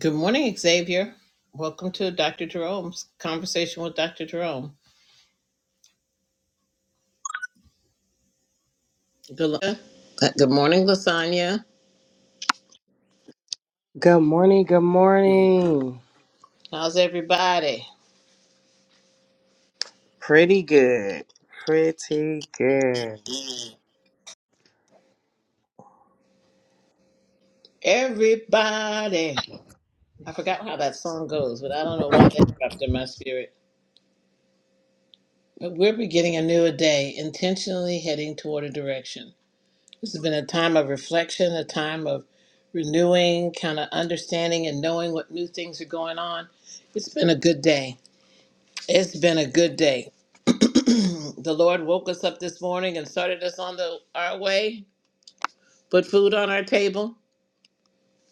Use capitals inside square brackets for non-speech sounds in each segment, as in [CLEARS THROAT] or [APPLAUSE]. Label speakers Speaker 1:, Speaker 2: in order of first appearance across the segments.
Speaker 1: Good morning, Xavier. Welcome to Dr. Jerome's conversation with Dr. Jerome. Good, lo- uh, good morning, Lasagna.
Speaker 2: Good morning, good morning.
Speaker 1: How's everybody?
Speaker 2: Pretty good. Pretty good.
Speaker 1: Everybody. I forgot how that song goes, but I don't know why that dropped in my spirit. But we're beginning a new day, intentionally heading toward a direction. This has been a time of reflection, a time of renewing, kind of understanding and knowing what new things are going on. It's been a good day. It's been a good day. [CLEARS THROAT] the Lord woke us up this morning and started us on the our way, put food on our table,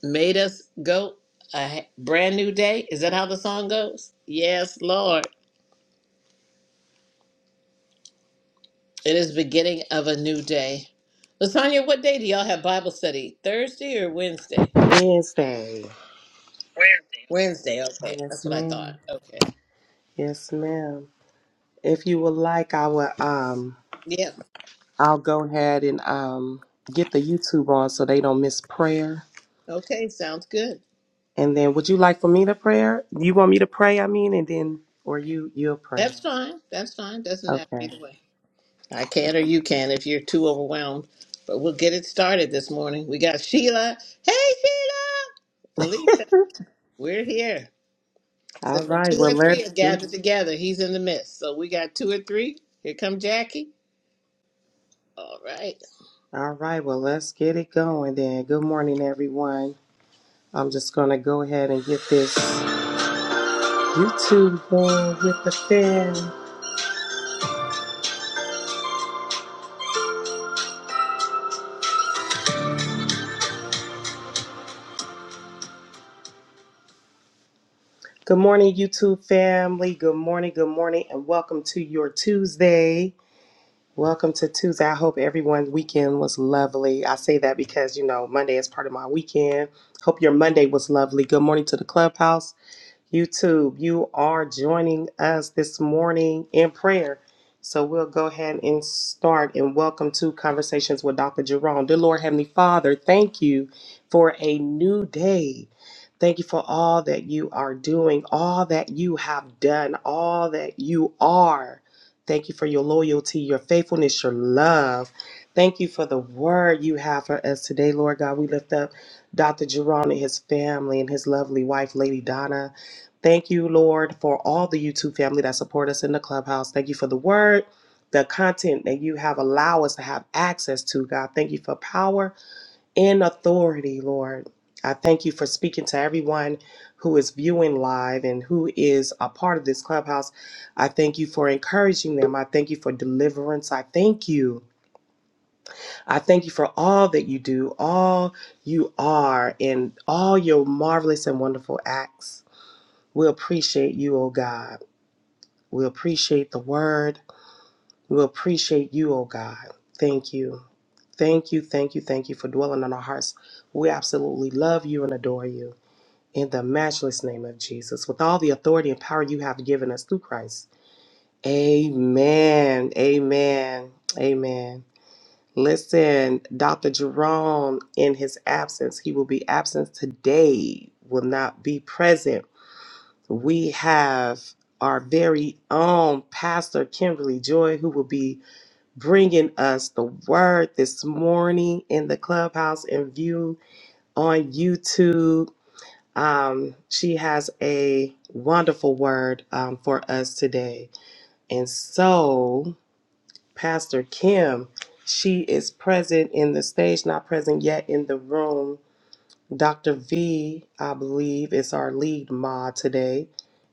Speaker 1: made us go a h- brand new day. Is that how the song goes? Yes, Lord. It is beginning of a new day. Lasagna, what day do y'all have Bible study? Thursday or Wednesday?
Speaker 2: Wednesday.
Speaker 1: Wednesday, okay. That's
Speaker 2: Yes,
Speaker 1: what I thought.
Speaker 2: ma'am.
Speaker 1: Okay.
Speaker 2: Yes, ma'am. If you would like, I will um
Speaker 1: Yeah.
Speaker 2: I'll go ahead and um get the YouTube on so they don't miss prayer.
Speaker 1: Okay, sounds good.
Speaker 2: And then would you like for me to prayer? You want me to pray, I mean, and then or you you'll pray.
Speaker 1: That's fine. That's fine. Doesn't matter
Speaker 2: Okay.
Speaker 1: either way. I can or you can if you're too overwhelmed. But we'll get it started this morning. We got Sheila. Hey, Sheila! Felicia,
Speaker 2: [LAUGHS]
Speaker 1: we're here. So
Speaker 2: All
Speaker 1: when
Speaker 2: right,
Speaker 1: two
Speaker 2: well
Speaker 1: or
Speaker 2: let's
Speaker 1: three are
Speaker 2: get
Speaker 1: gathered together, he's in the midst. So we got two or three. Here come Jackie. All right.
Speaker 2: all right, well let's get it going then. Good morning everyone. I'm just gonna go ahead and get this YouTube going with the fam. Good morning, YouTube family. Good morning, good morning, and welcome to your Tuesday. Welcome to Tuesday. I hope everyone's weekend was lovely. I say that because you know Monday is part of my weekend. Hope your Monday was lovely. Good morning to the clubhouse. YouTube, you are joining us this morning in prayer. So we'll go ahead and start and welcome to Conversations with Dr. Jerome. Dear Lord Heavenly Father, thank you for a new day. Thank you for all that you are doing, all that you have done, all that you are. Thank you for your loyalty, your faithfulness, your love. Thank you for the word you have for us today, Lord God. We lift up Dr. Jerome and his family and his lovely wife, Lady Donna. Thank you, Lord, for all the YouTube family that support us in the clubhouse. Thank you for the word, the content that you have allowed us to have access to, God. Thank you for power and authority, Lord. I thank you for speaking to everyone who is viewing live and who is a part of this clubhouse. I thank you for encouraging them. I thank you for deliverance. I thank you. I thank you for all that you do, all you are, and all your marvelous and wonderful acts. We appreciate you, oh God. We appreciate the word. We appreciate you, oh God. Thank you. Thank you, thank you, thank you for dwelling on our hearts. We absolutely love you and adore you. In the matchless name of Jesus, with all the authority and power you have given us through Christ. Amen. Amen. Amen. Listen, Dr. Jerome, in his absence, he will be absent today, will not be present we have our very own Pastor Kimberly Joy, who will be bringing us the word this morning in the clubhouse and view on YouTube. Um, she has a wonderful word um, for us today. And so, Pastor Kim, she is present in the stage, not present yet in the room. Dr. V, I believe, is our lead mod today.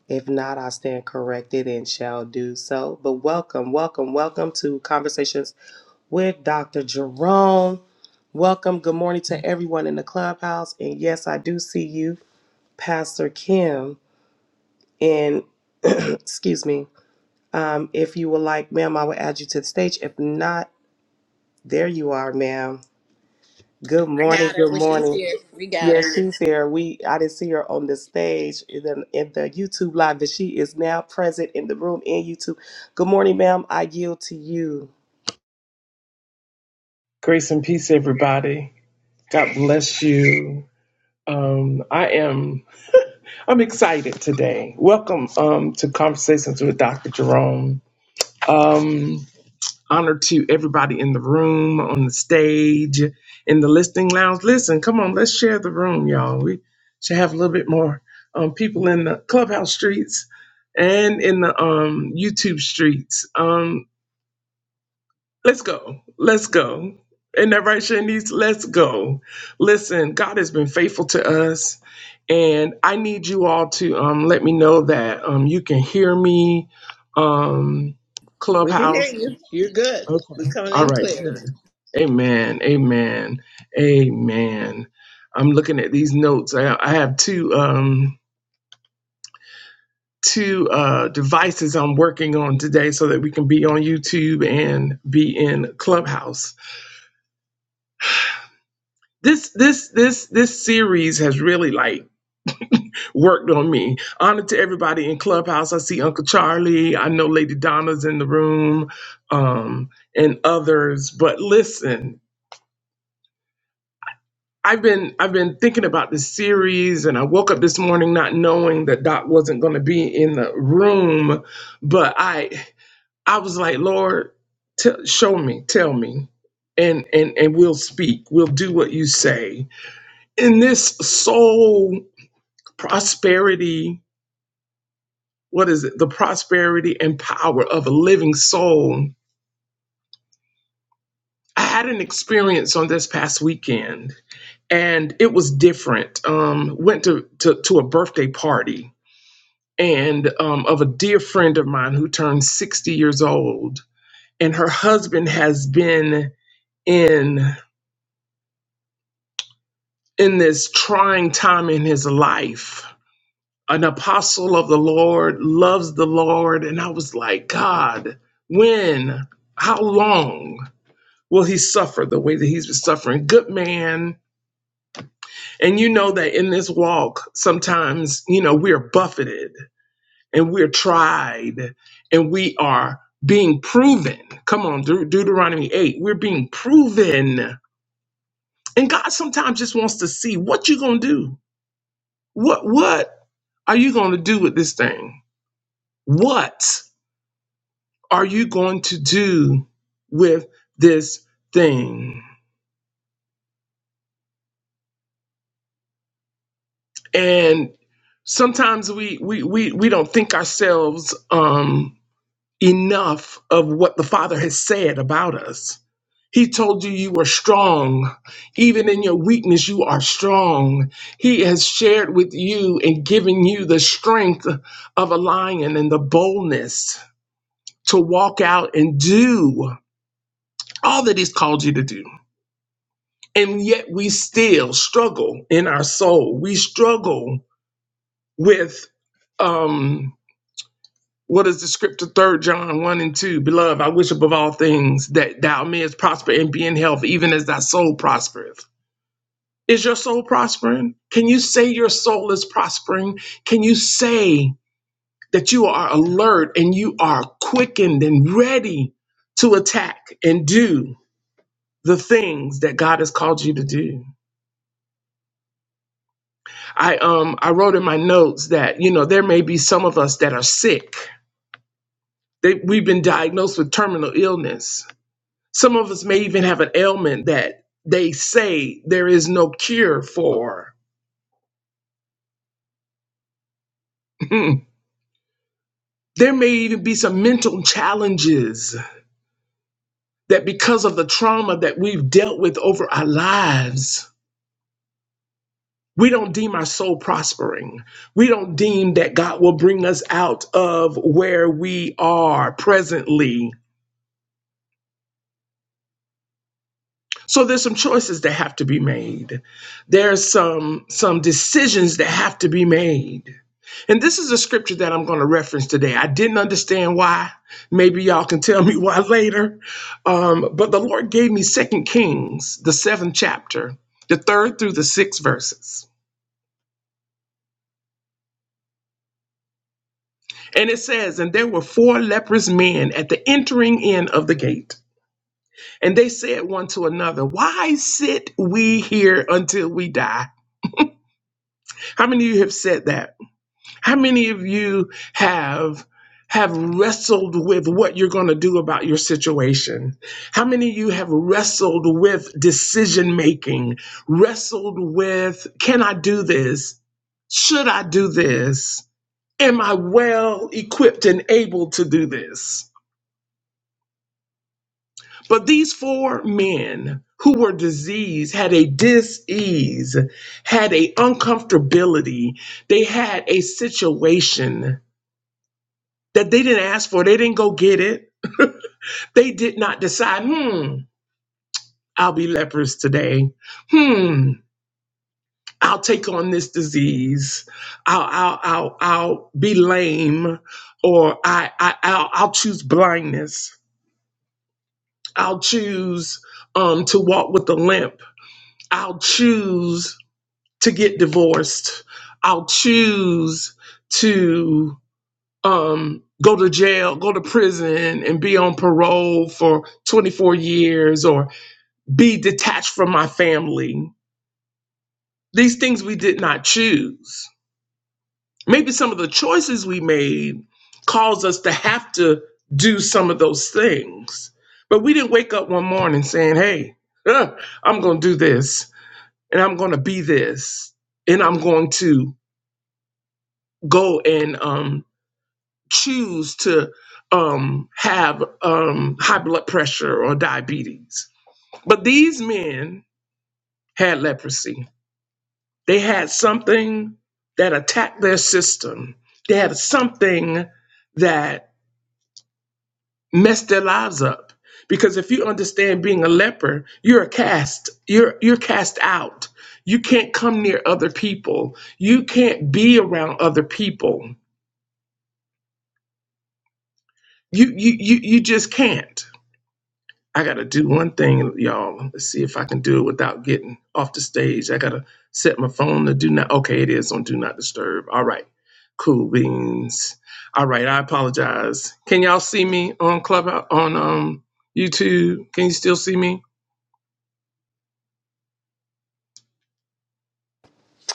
Speaker 2: If not, I stand corrected and shall do so. But welcome, welcome, welcome to Conversations with Dr. Jerome. Welcome, good morning to everyone in the clubhouse. And yes, I do see you, Pastor Kim. And [CLEARS THROAT] excuse me, um, if you would like, ma'am, I will add you to the stage. If not, there you are, ma'am. Good
Speaker 1: I
Speaker 2: morning,
Speaker 1: got her.
Speaker 2: good
Speaker 1: Well, she's
Speaker 2: morning.
Speaker 1: here. We got
Speaker 2: Yes,
Speaker 1: her.
Speaker 2: she's here. We I didn't see her on the stage in the, in the YouTube live, but she is now present in the room in YouTube. Good morning, ma'am. I yield to you.
Speaker 3: Grace and peace, everybody. God bless you. Um, I am I'm excited today. Welcome um, to Conversations with Dr. Jerome. Um, honor to everybody in the room, on the stage, in the listening lounge. Listen, come on, let's share the room, y'all. We should have a little bit more um, people in the clubhouse streets and in the um, YouTube streets. Um, Let's go. Let's go. And that right, Shanice? Let's go. Listen, God has been faithful to us. And I need you all to um, let me know that um, you can hear me. Um,
Speaker 1: We can hear
Speaker 3: Clubhouse.
Speaker 1: you. You're good.
Speaker 3: Okay.
Speaker 1: We're coming
Speaker 3: All
Speaker 1: in
Speaker 3: right.
Speaker 1: clear.
Speaker 3: Good. Amen. Amen. Amen. I'm looking at these notes. I, I have two um, two uh, devices I'm working on today so that we can be on YouTube and be in Clubhouse. this this this this series has really like worked on me. Honor to everybody in Clubhouse. I see Uncle Charlie. I know Lady Donna's in the room, um, and others. But listen, I've been I've been thinking about this series, and I woke up this morning not knowing that Doc wasn't going to be in the room. But I I was like, Lord, t- show me, tell me, and and and we'll speak. We'll do what you say in this soul. prosperity what is it the prosperity and power of a living soul i had an experience on this past weekend and it was different um went to to, to a birthday party and um, of a dear friend of mine who turned 60 years old and her husband has been in in this trying time in his life an apostle of the Lord, loves the Lord. And I was like, God, when, how long will he suffer the way that he's been suffering? Good man. And you know that in this walk, sometimes, you know, we are buffeted and we're tried and we are being proven. Come on, Deut- Deuteronomy 8, we're being proven. And God sometimes just wants to see what you are going to do. What, what are you going to do with this thing? What? are you going to do with this thing? And sometimes we we we, we don't think ourselves um, enough of what the Father has said about us. He told you you were strong. Even in your weakness, you are strong. He has shared with you and given you the strength of a lion and the boldness to walk out and do all that He's called you to do And yet we still struggle in our soul. We struggle with um what is the scripture third John one and two? Beloved, I wish above all things that thou mayest prosper and be in health, even as thy soul prospereth. Is your soul prospering? Can you say your soul is prospering? Can you say that you are alert and you are quickened and ready to attack and do the things that God has called you to do? I um I wrote in my notes that you know there may be some of us that are sick. They, we've been diagnosed with terminal illness. Some of us may even have an ailment that they say there is no cure for. [LAUGHS] there may even be some mental challenges that because of the trauma that we've dealt with over our lives, we don't deem our soul prospering. We don't deem that God will bring us out of where we are presently So there's some choices that have to be made. There's some some decisions that have to be made. And this is a scripture that I'm going to reference today. I didn't understand why. Maybe y'all can tell [LAUGHS] me why later. Um, but the Lord gave me Second Kings, the seventh chapter, the third through the sixth verses. And it says, And there were four leprous men at the entering in of the gate. And they said one to another, 'Why sit we here until we die? How many of you have said that? How many of you have have wrestled with what you're going to do about your situation? How many of you have wrestled with decision making? Wrestled with can I do this? Should I do this? Am I well equipped and able to do this? But these four men who were diseased had a dis-ease, had a uncomfortability, they had a situation that they didn't ask for. They didn't go get it. [LAUGHS] They did not decide, hmm, I'll be leprous today. Hmm, I'll take on this disease. I'll, I'll, I'll, I'll be lame or I, I, I'll, I'll choose blindness. I'll choose um, to walk with a limp. I'll choose to get divorced. I'll choose to um, go to jail, go to prison, and be on parole for 24 years or be detached from my family. These things we did not choose. Maybe some of the choices we made caused us to have to do some of those things. But we didn't wake up one morning saying, hey, huh, I'm going to do this and I'm going to be this and I'm going to go and um, choose to um, have um, high blood pressure or diabetes. But these men had leprosy. They had something that attacked their system, they had something that messed their lives up. Because if you understand being a leper, you're a cast, you're you're cast out. You can't come near other people. You can't be around other people. You you you, you just can't. I gotta do one thing, y'all. Let's see if I can do it without getting off the stage. I gotta set my phone to do not. Okay, it is on do not disturb. All right, cool beans. All right, I apologize. Can y'all see me on Club on um YouTube? Can you still see me?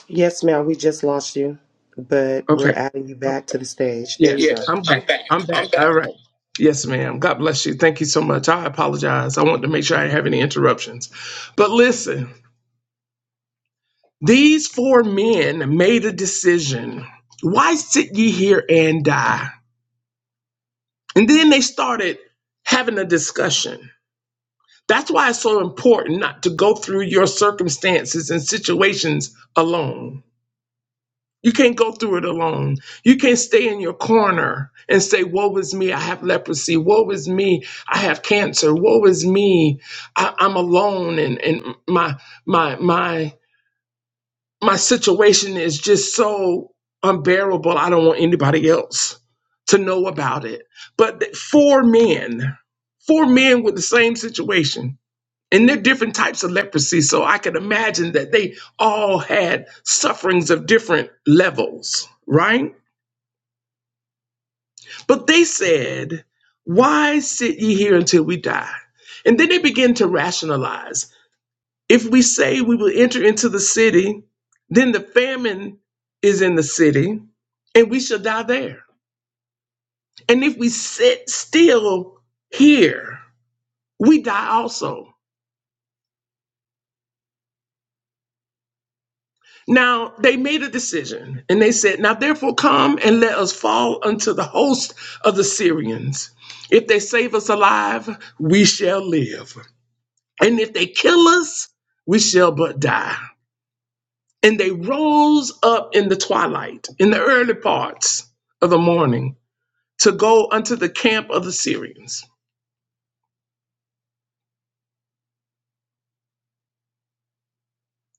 Speaker 2: Yes, ma'am. We just lost you, but we're
Speaker 3: Okay,
Speaker 2: adding you back to the stage. There
Speaker 3: yeah,
Speaker 2: you Yeah, go.
Speaker 3: I'm back.
Speaker 2: I'm
Speaker 3: I'm
Speaker 2: back.
Speaker 3: back.
Speaker 2: I'm back.
Speaker 3: All right. Yes, ma'am. God bless you. Thank you so much. I apologize. I want to make sure I didn't have any interruptions. But listen, These four men made a decision. Why sit ye here and die? And then they started having a discussion. That's why it's so important not to go through your circumstances and situations alone. You can't go through it alone. You can't stay in your corner and say, Woe is me, I have leprosy. Woe is me, I have cancer. Woe is me, I, I'm alone and, and my my my my situation is just so unbearable. I don't want anybody else to know about it. But th- four men, four men with the same situation, and they're different types of leprosy. So I can imagine that they all had sufferings of different levels, right? But they said, Why sit ye here until we die? And then they begin to rationalize. If we say we will enter into the city, then the famine is in the city, and we shall die there. And if we sit still here, we die also. Now they made a decision, and they said, Now therefore come and let us fall unto the host of the Syrians. If they save us alive, we shall live. And if they kill us, we shall but die. And they rose up in the twilight, in the early parts of the morning, to go unto the camp of the Syrians.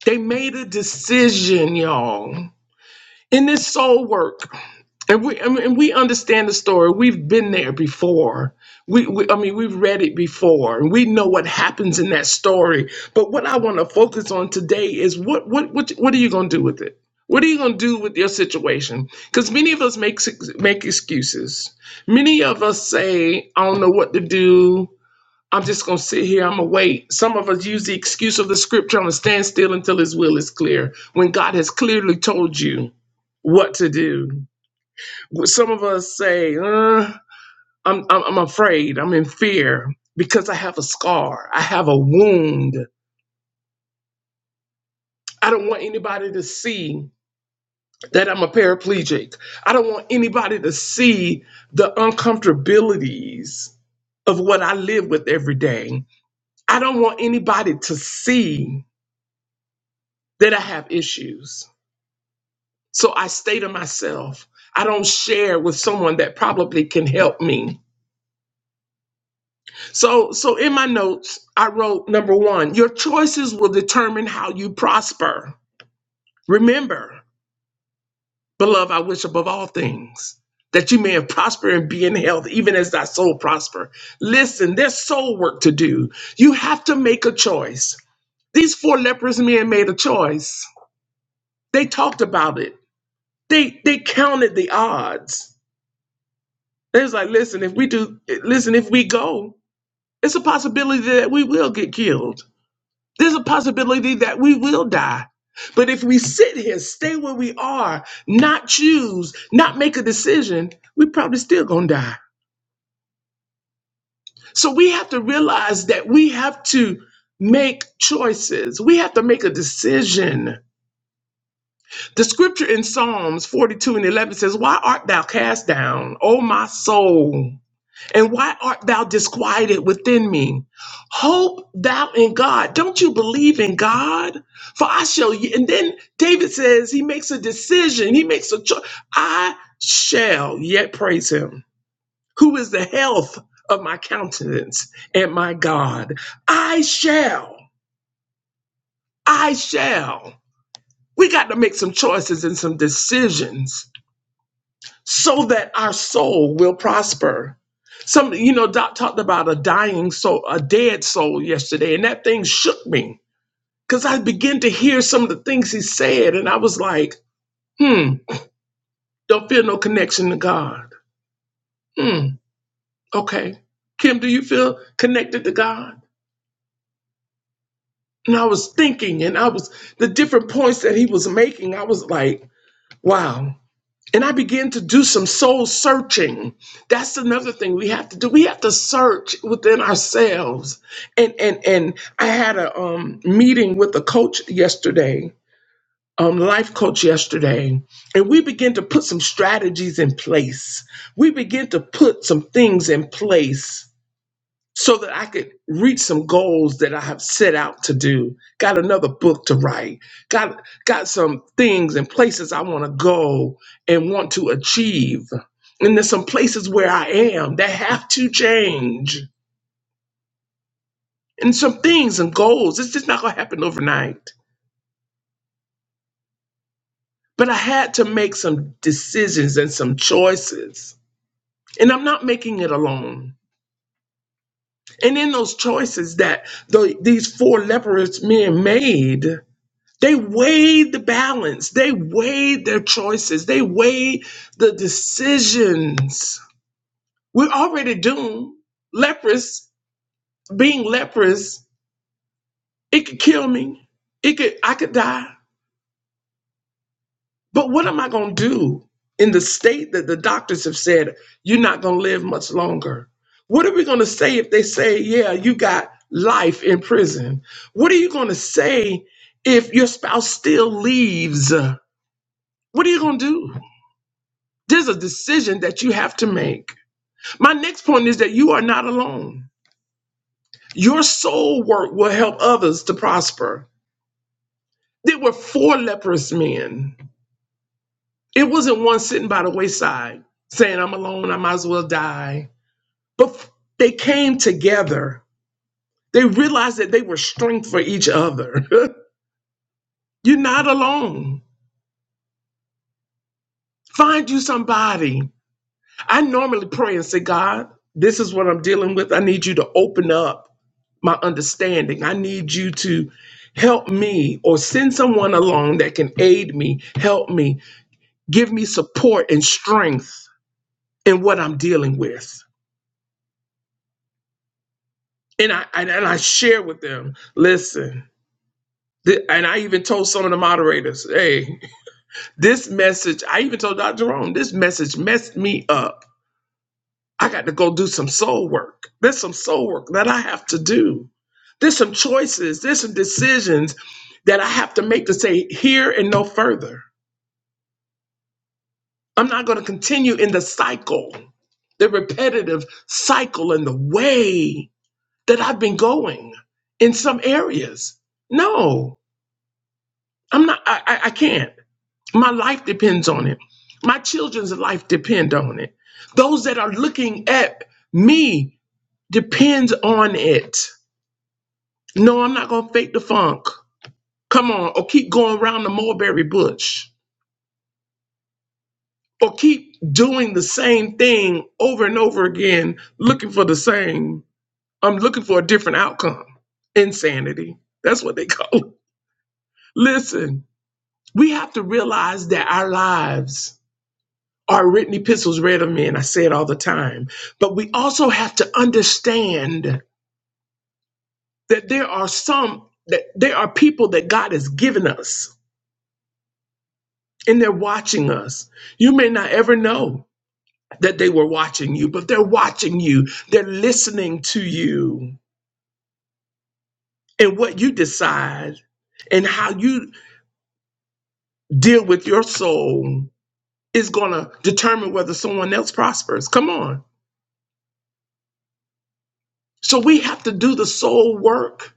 Speaker 3: They made a decision, y'all, in this soul work And we, I mean, and we understand the story. We've been there before. We, we, I mean, we've read it before, and we know what happens in that story. But what I want to focus on today is what, what, what, what are you going to do with it? What are you going to do with your situation? Because many of us make make excuses. Many of us say, "I don't know what to do. I'm just going to sit here. I'm going to wait." Some of us use the excuse of the scripture, "I'm going to stand still until His will is clear," when God has clearly told you what to do some of us say, uh, I'm, I'm, I'm afraid, I'm in fear because I have a scar, I have a wound. I don't want anybody to see that I'm a paraplegic. I don't want anybody to see the uncomfortabilities of what I live with every day. I don't want anybody to see that I have issues. So I stay to myself. I don't share with someone that probably can help me So, so in my notes, I wrote number one, your choices will determine how you prosper. Remember, beloved, I wish above all things that you may have prospered and be in health, even as thy soul prosper. Listen, there's soul work to do. You have to make a choice. These four leprous men made a choice. They talked about it. They they counted the odds. They was like, listen, if we do, listen, if we go, it's a possibility that we will get killed There's a possibility that we will die. But if we sit here, stay where we are, not choose, not make a decision, we probably still gonna die. So we have to realize that we have to make choices. We have to make a decision. The scripture in Psalms 42 and 11 says, Why art thou cast down, O my soul? And why art thou disquieted within me? Hope thou in God. Don't you believe in God? For I shall, y- and then David says, he makes a decision, he makes a choice. I shall yet praise him, who is the health of my countenance and my God. I shall, I shall. We got to make some choices and some decisions so that our soul will prosper. Some, you know, Doc talked about a dying soul, a dead soul yesterday, and that thing shook me because I began to hear some of the things he said, and I was like, hmm, don't feel no connection to God. Hmm, okay. Kim, do you feel connected to God? And I was thinking, and I was the different points that he was making, I was like, wow. and I began to do some soul searching. That's another thing we have to do. We have to search within ourselves. And and and I had a um, meeting with a coach yesterday, um, life coach yesterday, and we began to put some strategies in place. We began to put some things in place so that I could reach some goals that I have set out to do. Got another book to write. Got got some things and places I want to go and want to achieve. And there's some places where I am that have to change. And some things and goals. It's just not gonna happen overnight. But I had to make some decisions and some choices. And I'm not making it alone. And in those choices that the, these four leprous men made, They weighed the balance. They weighed their choices. They weighed the decisions. We're already doomed. Leprous, being leprous, it could kill me. It could, I could die. But what am I going to do in the state that the doctors have said you're not going to live much longer? What are we going to say if they say, yeah, you got life in prison? What are you going to say if your spouse still leaves? What are you going to do? There's a decision that you have to make. My next point is that you are not alone. Your soul work will help others to prosper. There were four leprous men. It wasn't one sitting by the wayside saying, I'm alone, I might as well die. But f- they came together. They realized that they were strength for each other. [LAUGHS] You're not alone. Find you somebody. I normally pray and say, God, this is what I'm dealing with. I need you to open up my understanding. I need you to help me or send someone along that can aid me, help me, give me support and strength in what I'm dealing with. And I and, and I share with them, listen. th- And I even told some of the moderators, hey, this message, I even told Dr. Jerome, this message messed me up I got to go do some soul work. There's some soul work that I have to do. There's some choices, there's some decisions that I have to make to say here and no further. I'm not going to continue in the cycle, the repetitive cycle and the way that I've been going in some areas. No, I'm not, I, I, I can't. My life depends on it. My children's life depend on it. Those that are looking at me depends on it. No, I'm not gonna fake the funk. Come on, or keep going around the mulberry bush, or keep doing the same thing over and over again, looking for the same. I'm looking for a different outcome. Insanity. That's what they [LAUGHS] call. It. Listen, we have to realize that our lives are written epistles read of men. I say it all the time, but we also have to understand that there are some that there are people that God has given us and they're watching us. You may not ever know that they were watching you, but they're watching you. They're listening to you and what you decide and how you deal with your soul is going to determine whether someone else prospers. Come on. So we have to do the soul work.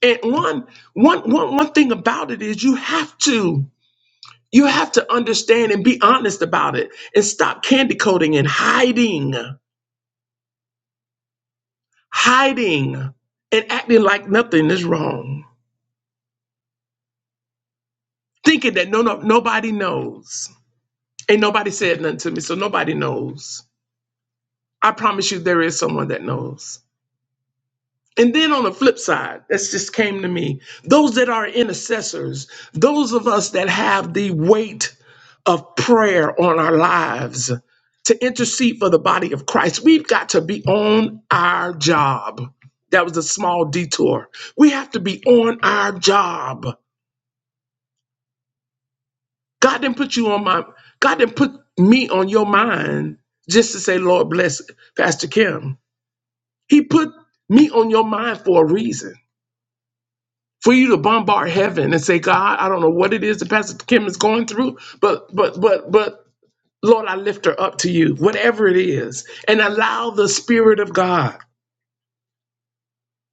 Speaker 3: And one, one, one, one thing about it is you have to you have to understand and be honest about it and stop candy coating and hiding hiding and acting like nothing is wrong, thinking that no, no nobody knows. Ain't nobody said nothing to me, so nobody knows. I promise you, there is someone that knows. And then on the flip side, that's just came to me. Those that are intercessors, those of us that have the weight of prayer on our lives to intercede for the body of Christ, we've got to be on our job. That was a small detour. We have to be on our job God didn't put you on my, God didn't put me on your mind just to say, Lord, bless Pastor Kim. He put me on your mind for a reason. For you to bombard heaven and say, God, I don't know what it is that Pastor Kim is going through, but but but but Lord, I lift her up to you, whatever it is, and allow the Spirit of God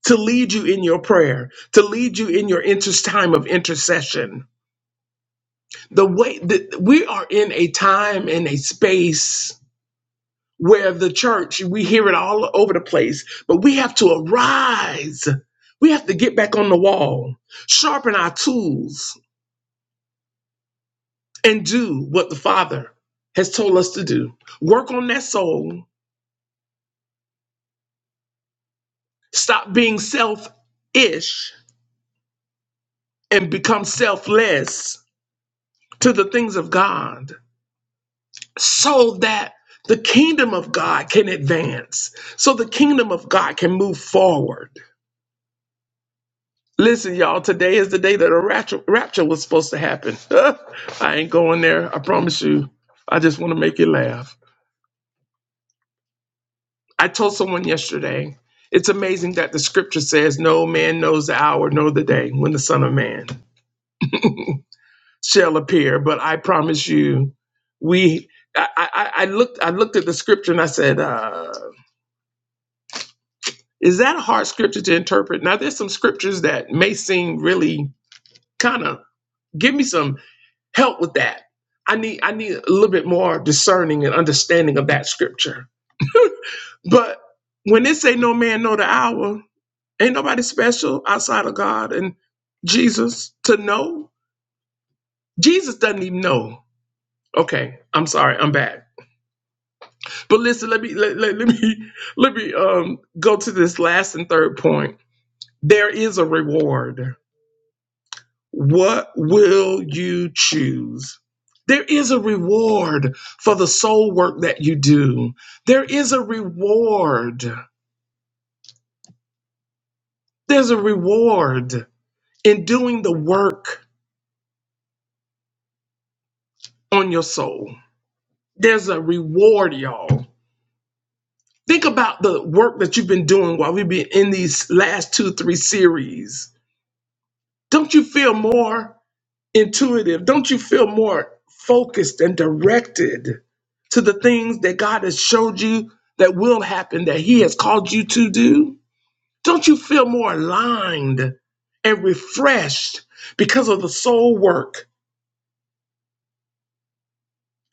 Speaker 3: to lead you in your prayer, to lead you in your inter- time of intercession. The way that we are in a time and a space where the church, we hear it all over the place, but we have to arise. We have to get back on the wall, sharpen our tools, and do what the Father has told us to do. Work on that soul, stop being selfish and become selfless to the things of God so that the kingdom of God can advance, so the kingdom of God can move forward. Listen, y'all, today is the day that a rapture, rapture was supposed to happen. [LAUGHS] I ain't going there. I promise you. I just want to make you laugh. I told someone yesterday, it's amazing that the scripture says, No man knows the hour nor the day when the Son of Man shall appear. But I promise you, we. I, I, I looked I looked at the scripture and I said, uh, is that a hard scripture to interpret? Now there's some scriptures that may seem really kind of give me some. help with that. I need I need a little bit more discerning and understanding of that scripture. But when it say no man know the hour, ain't nobody special outside of God and Jesus to know. Jesus doesn't even know. Okay, I'm sorry, I'm back. But listen, let me let, let, let me [LAUGHS] let me um go to this last and third point. There is a reward. What will you choose? There is a reward for the soul work that you do. There is a reward. There's a reward in doing the work on your soul. There's a reward, y'all. Think about the work that you've been doing while we've been in these last two, three series. Don't you feel more? intuitive? Don't you feel more focused and directed to the things that God has showed you that will happen, that He has called you to do? Don't you feel more aligned and refreshed because of the soul work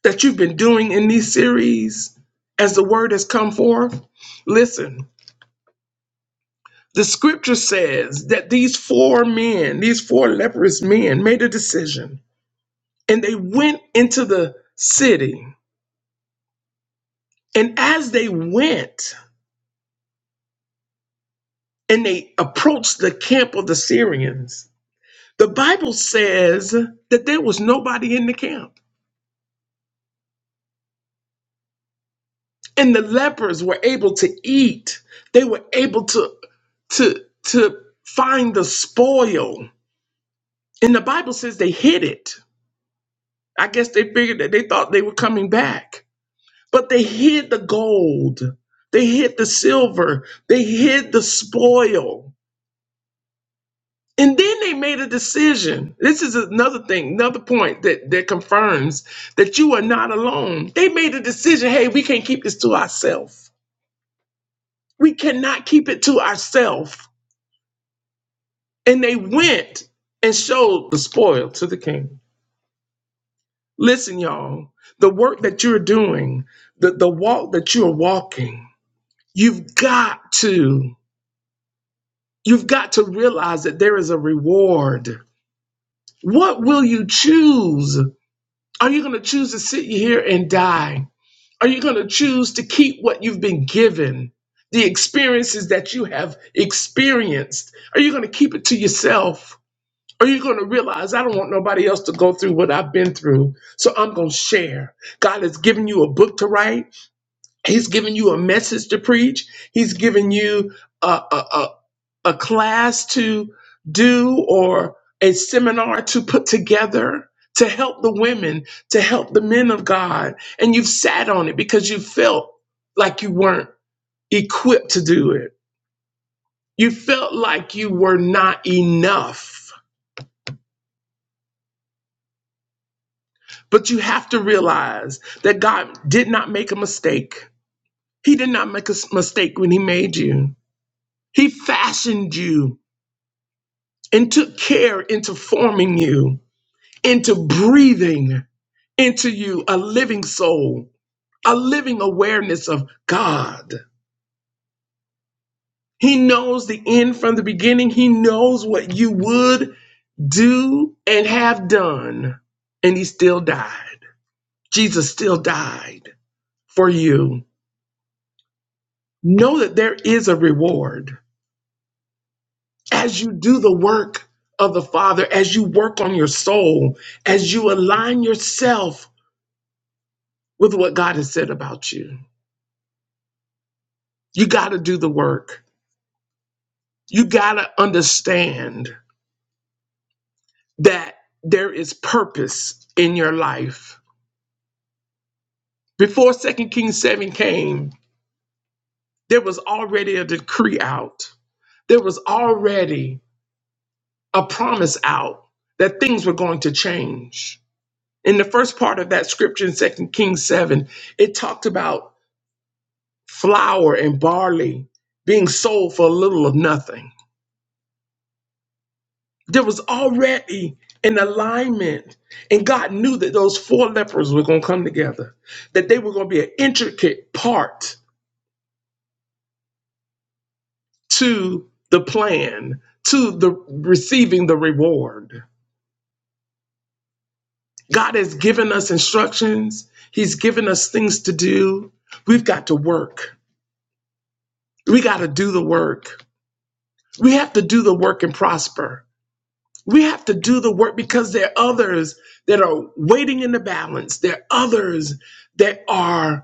Speaker 3: that you've been doing in these series as the word has come forth? Listen, the scripture says that these four men, these four leprous men, made a decision and they went into the city And as they went and they approached the camp of the Syrians, the Bible says that there was nobody in the camp. And the lepers were able to eat. They were able to to to find the spoil. And the Bible says they hid it. I guess they figured that they thought they were coming back. But they hid the gold. They hid the silver. They hid the spoil. And then they made a decision. This is another thing, another point that, that confirms that you are not alone. They made a decision hey, we can't keep this to ourselves. We cannot keep it to ourselves. And they went and showed the spoil to the king. Listen, y'all, the work that you're doing, the, the walk that you're walking, you've got to, you've got to realize that there is a reward. What will you choose? Are you going to choose to sit here and die? Are you going to choose to keep what you've been given, the experiences that you have experienced? Are you going to keep it to yourself? Are you going to realize I don't want nobody else to go through what I've been through? So I'm going to share. God has given you a book to write, He's given you a message to preach, He's given you. a, a a class to do or a seminar to put together to help the women, to help the men of God. And you've sat on it because you felt like you weren't equipped to do it. You felt like you were not enough. But you have to realize that God did not make a mistake. He did not make a s- mistake when He made you. He fashioned you and took care into forming you into breathing into you a living soul, a living awareness of God. He knows the end from the beginning. He knows what you would do and have done. And he still died. Jesus still died for you. Know that there is a reward as you do the work of the Father, as you work on your soul, as you align yourself with what God has said about you. You got to do the work. You got to understand that there is purpose in your life. Before Second Kings 7 came, there was already a decree out, there was already a promise out that things were going to change. In the first part of that scripture in 2 Kings 7, it talked about flour and barley being sold for a little of nothing There was already an alignment. And God knew that those four lepers were going to come together, that they were going to be an intricate part to the plan, to the receiving the reward. God has given us instructions, He's given us things to do. We've got to work. We got to do the work. We have to do the work and prosper. We have to do the work because there are others that are waiting in the balance. There are others that are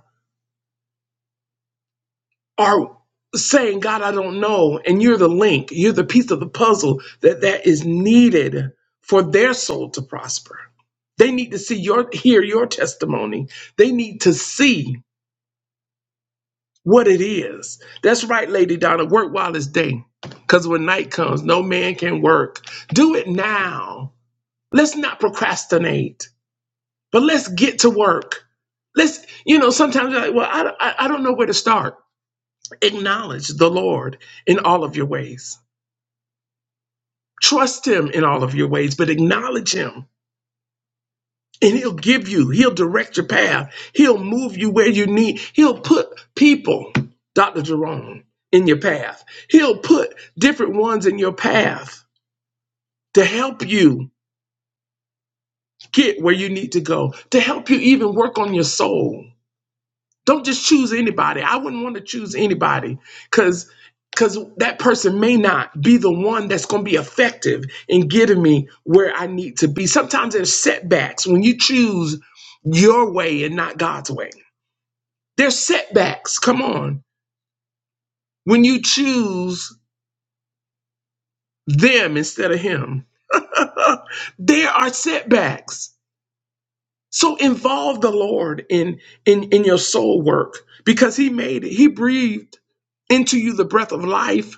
Speaker 3: are saying, God, I don't know, and you're the link, you're the piece of the puzzle that, that is needed for their soul to prosper. They need to see your hear your testimony. They need to see what it is. That's right, Lady Donna. Work while it's day. Because when night comes, no man can work. Do it now. Let's not procrastinate, but let's get to work. Let's, you know, sometimes you're like, well, I, I, I don't know where to start. Acknowledge the Lord in all of your ways. Trust Him in all of your ways, but acknowledge Him. And He'll give you, He'll direct your path, He'll move you where you need. He'll put people, Dr. Jerome, in your path. He'll put different ones in your path to help you get where you need to go, to help you even work on your soul. Don't just choose anybody. I wouldn't want to choose anybody because because that person may not be the one that's going to be effective in getting me where I need to be. Sometimes there's setbacks when you choose your way and not God's way. There's setbacks. Come on. When you choose them instead of him. [LAUGHS] there are setbacks. So involve the Lord in in in your soul work because he made it. He breathed into you the breath of life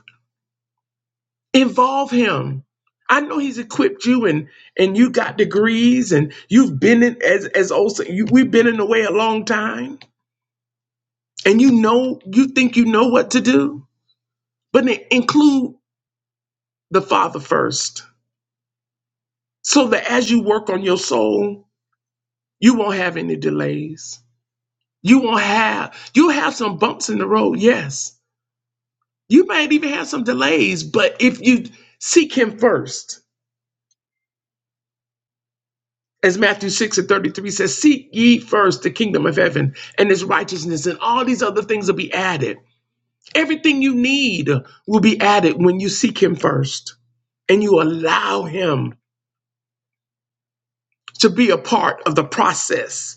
Speaker 3: involve him i know he's equipped you and and you got degrees and you've been in as as also you, we've been in the way a long time and you know you think you know what to do but then include the father first so that as you work on your soul you won't have any delays you won't have you'll have some bumps in the road yes you might even have some delays but if you seek him first As Matthew 6 and 33 says, Seek ye first the kingdom of heaven and his righteousness, and all these other things will be added. Everything you need will be added when you seek him first and you allow him to be a part of the process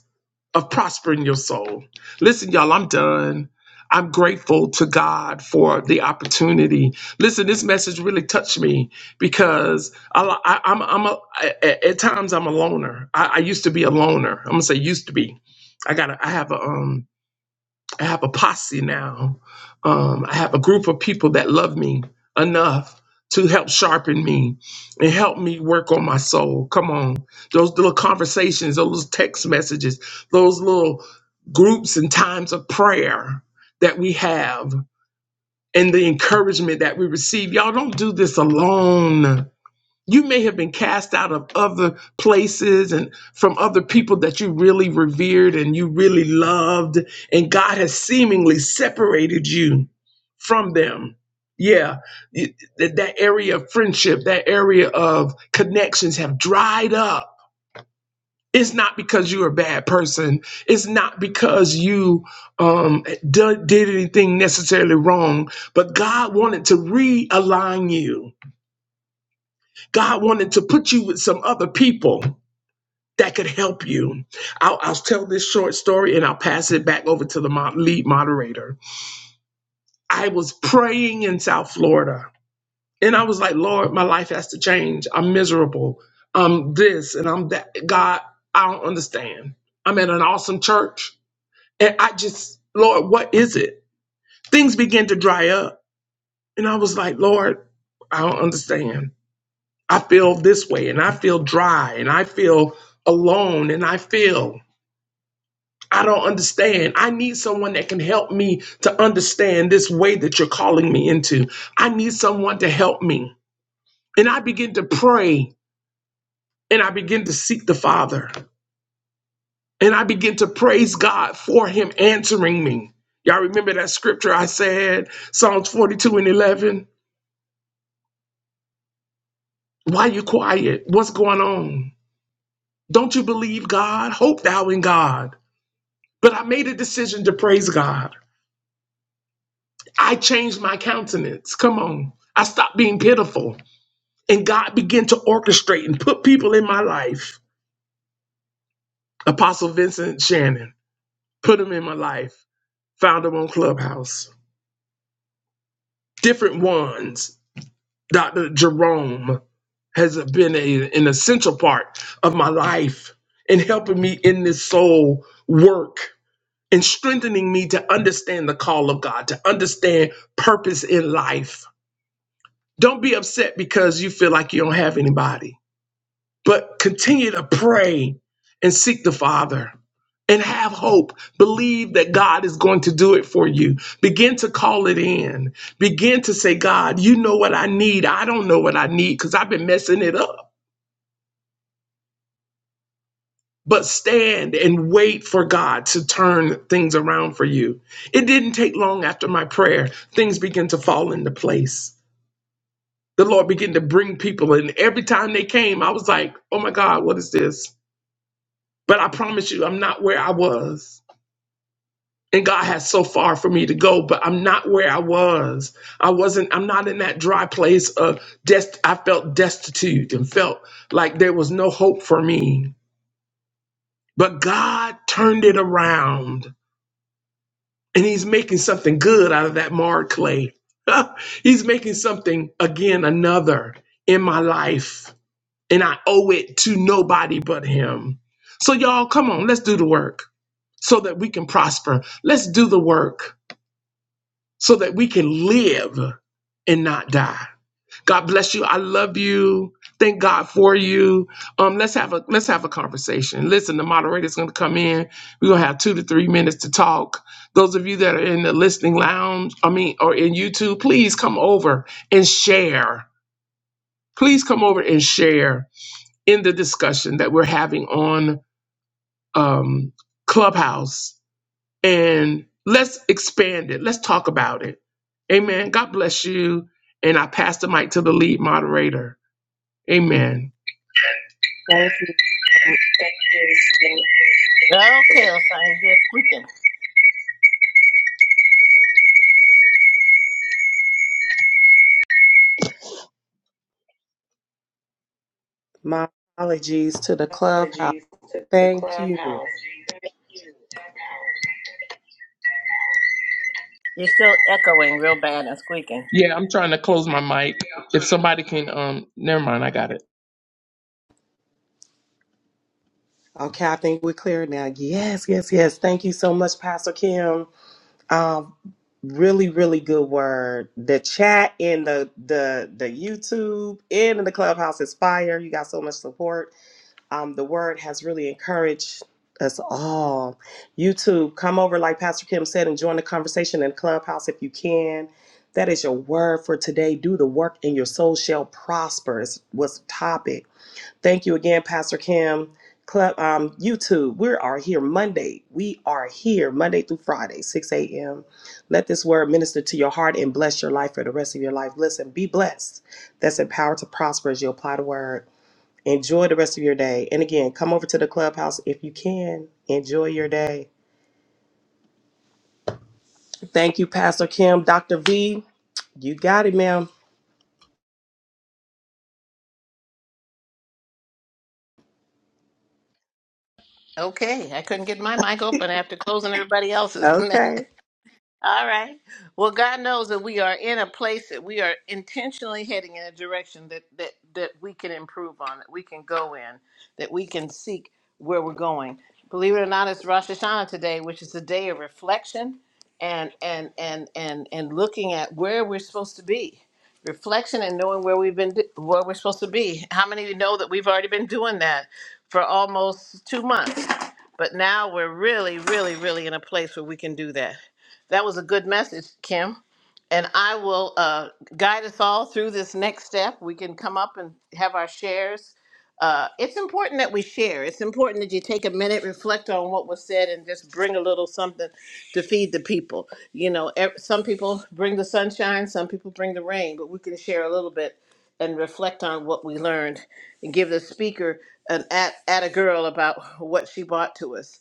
Speaker 3: of prospering your soul. Listen, y'all, I'm done. I'm grateful to God for the opportunity. Listen, this message really touched me because I, I, I'm, I'm a, at, at times I'm a loner. I, I used to be a loner. I'm gonna say used to be. I got, I have a um, I have a posse now. Um, I have a group of people that love me enough to help sharpen me and help me work on my soul. Come on. Those little conversations, those little text messages, those little groups and times of prayer that we have and the encouragement that we receive. Y'all don't do this alone. You may have been cast out of other places and from other people that you really revered and you really loved, and God has seemingly separated you from them. Yeah, you- that that area of friendship, that area of connections have dried up. It's not because you're a bad person. It's not because you um, d- did anything necessarily wrong, but God wanted to realign you. God wanted to put you with some other people that could help you. I'll, I'll tell this short story and I'll pass it back over to the mo- lead moderator. I was praying in South Florida and I was like, Lord, my life has to change. I'm miserable. I'm this and I'm that. God, I don't understand. I'm at an awesome church and I just, Lord, what is it? Things began to dry up. And I was like, Lord, I don't understand. I feel this way and I feel dry and I feel alone and I feel I don't understand. I need someone that can help me to understand this way that you're calling me into. I need someone to help me. And I begin to pray and I begin to seek the Father and I begin to praise God for Him answering me. Y'all remember that scripture I said, Psalms 42 and 11? Why you quiet? What's going on? Don't you believe God? Hope thou in God. But I made a decision to praise God. I changed my countenance. Come on. I stopped being pitiful. And God began to orchestrate and put people in my life. Apostle Vincent Shannon put him in my life, found him on Clubhouse. Different ones. Dr. Jerome has been a, an essential part of my life in helping me in this soul work and strengthening me to understand the call of God, to understand purpose in life Don't be upset because you feel like you don't have anybody, but continue to pray and seek the Father and have hope. Believe that God is going to do it for you. Begin to call it in. Begin to say, God, you know what I need. I don't know what I need because I've been messing it up. But stand and wait for God to turn things around for you. It didn't take long after my prayer, things began to fall into place. the Lord began to bring people. And every time they came, I was like, oh my God, what is this? But I promise you, I'm not where I was. And God has so far for me to go, but I'm not where I was. I wasn't, I'm not in that dry place of dest I felt destitute and felt like there was no hope for me. But God turned it around and He's making something good out of that marred clay. [LAUGHS] he's making something again, another in my life and I owe it to nobody but him. So, y'all, come on, let's do the work so that we can prosper. Let's do the work so that we can live and not die. God bless you. I love you. Thank God for you. Um, let's have a let's have a conversation. Listen, the moderator's going to come in. We're going to have two to three minutes to talk. Those of you that are in the listening lounge, I mean, or in YouTube, please come over and share. Please come over and share in the discussion that we're having on um, Clubhouse. And let's expand it. Let's talk about it. Amen. God bless you. And I pass the mic to the lead moderator. Amen.
Speaker 2: Thank you. Um,
Speaker 1: Okay, Osai, you're squeaking.
Speaker 2: My apologies to the clubhouse. Thank you.
Speaker 1: You're squeaking.
Speaker 3: Yeah, I'm trying to close my mic. If somebody can, um, never mind. I got it.
Speaker 2: Okay, I think we're clear now. Yes, yes, yes. Thank you so much, Pastor Kim. Um, really, really good word. The chat in the the the YouTube and in the clubhouse is fire. You got so much support. Um, the word has really encouraged us all. YouTube, come over like Pastor Kim said and join the conversation in clubhouse if you can. That is your word for today. Do the work and your soul shall prosper. Is was the topic. Thank you again, Pastor Kim. Club um, YouTube, we are here Monday. We are here Monday through Friday, 6 a.m. Let this word minister to your heart and bless your life for the rest of your life. Listen, be blessed. That's empowered to prosper as you apply the word. Enjoy the rest of your day. And again, come over to the clubhouse if you can. Enjoy your day. Thank you, Pastor Kim. Dr. V, you got it, ma'am.
Speaker 1: Okay, I couldn't get my mic open after closing everybody else's. [LAUGHS]
Speaker 2: Okay.
Speaker 1: All right. Well, God knows that we are in a place that we are intentionally heading in a direction that that that we can improve on, that we can go in, that we can seek where we're going. Believe it or not, it's Rosh Hashanah today, which is a day of reflection and and and and and looking at where we're supposed to be. Reflection and knowing where we've been, where we're supposed to be. How many of you know that we've already been doing that for almost two months? But now we're really, really, really in a place where we can do that. That was a good message, Kim. And I will uh, guide us all through this next step. We can come up and have our shares. Uh, it's important that we share. It's important that you take a minute, reflect on what was said, and just bring a little something to feed the people. You know, ev- some people bring the sunshine, some people bring the rain, but we can share a little bit and reflect on what we learned and give the speaker an at, at a girl about what she brought to us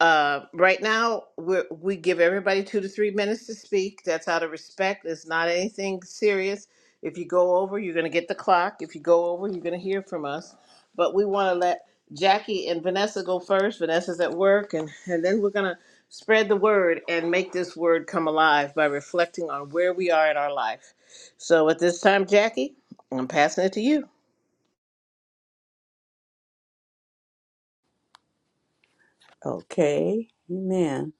Speaker 1: uh, right now, we're, we give everybody two to three minutes to speak. That's out of respect. It's not anything serious. If you go over, you're going to get the clock. If you go over, you're going to hear from us. But we want to let Jackie and Vanessa go first. Vanessa's at work, and, and then we're going to spread the word and make this word come alive by reflecting on where we are in our life. So at this time, Jackie, I'm passing it to you.
Speaker 4: Okay, amen.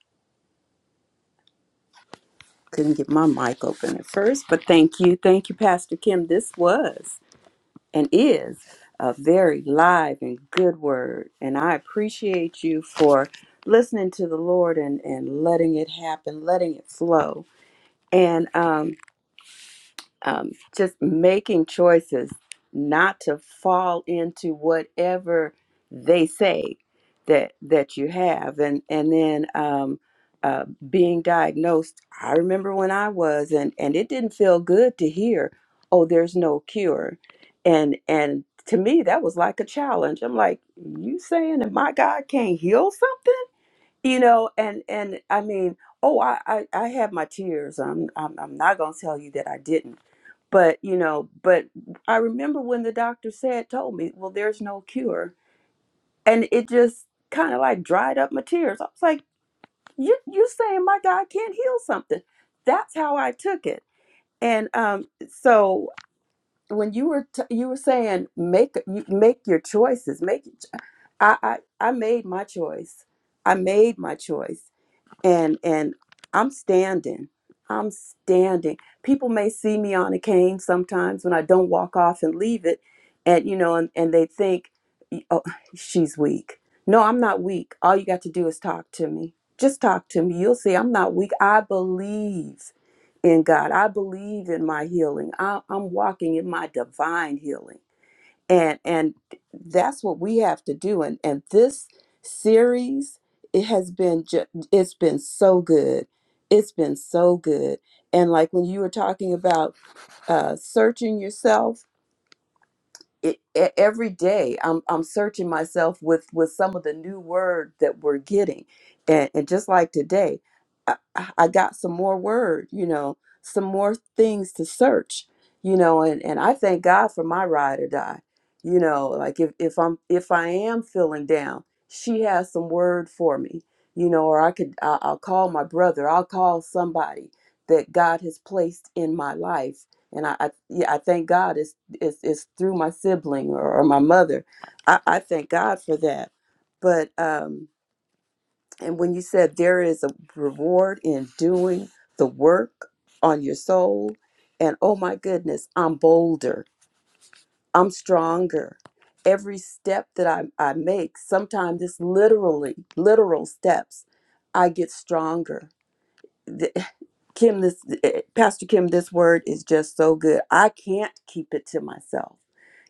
Speaker 4: Couldn't get my mic open at first, but thank you. Thank you, Pastor Kim. This was and is a very live and good word. And I appreciate you for listening to the Lord and, and letting it happen, letting it flow. And um, um, just making choices not to fall into whatever they say that that you have and and then um, uh, being diagnosed i remember when i was and and it didn't feel good to hear oh there's no cure and and to me that was like a challenge i'm like you saying that my god can't heal something you know and and i mean oh i i, I had my tears I'm, I'm i'm not gonna tell you that i didn't but you know but i remember when the doctor said told me well there's no cure and it just kind of like dried up my tears i was like you you're saying my god can't heal something that's how i took it and um so when you were t- you were saying make you make your choices make I, I i made my choice i made my choice and and I'm standing. I'm standing. People may see me on a cane sometimes when I don't walk off and leave it, and you know, and, and they think, "Oh, she's weak." No, I'm not weak. All you got to do is talk to me. Just talk to me. You'll see. I'm not weak. I believe in God. I believe in my healing. I, I'm walking in my divine healing and and that's what we have to do and and this series it has been ju- it's been so good it's been so good and like when you were talking about uh searching yourself it, e- every day I'm I'm searching myself with with some of the new word that we're getting, and and just like today, I, I I got some more word, you know, some more things to search, you know, and and I thank God for my ride or die, you know, like if if I'm if I am feeling down, she has some word for me, you know, or I could I, I'll call my brother, I'll call somebody that God has placed in my life, and I, I yeah I thank God it's, it's through my sibling or, or my mother. I, I thank God for that. But um, and when you said there is a reward in doing the work on your soul, and oh my goodness, I'm bolder, I'm stronger. Every step that I, I make, sometimes it's literally literal steps, I get stronger. [LAUGHS] Kim, this eh, Pastor Kim, this word is just so good. I can't keep it to myself.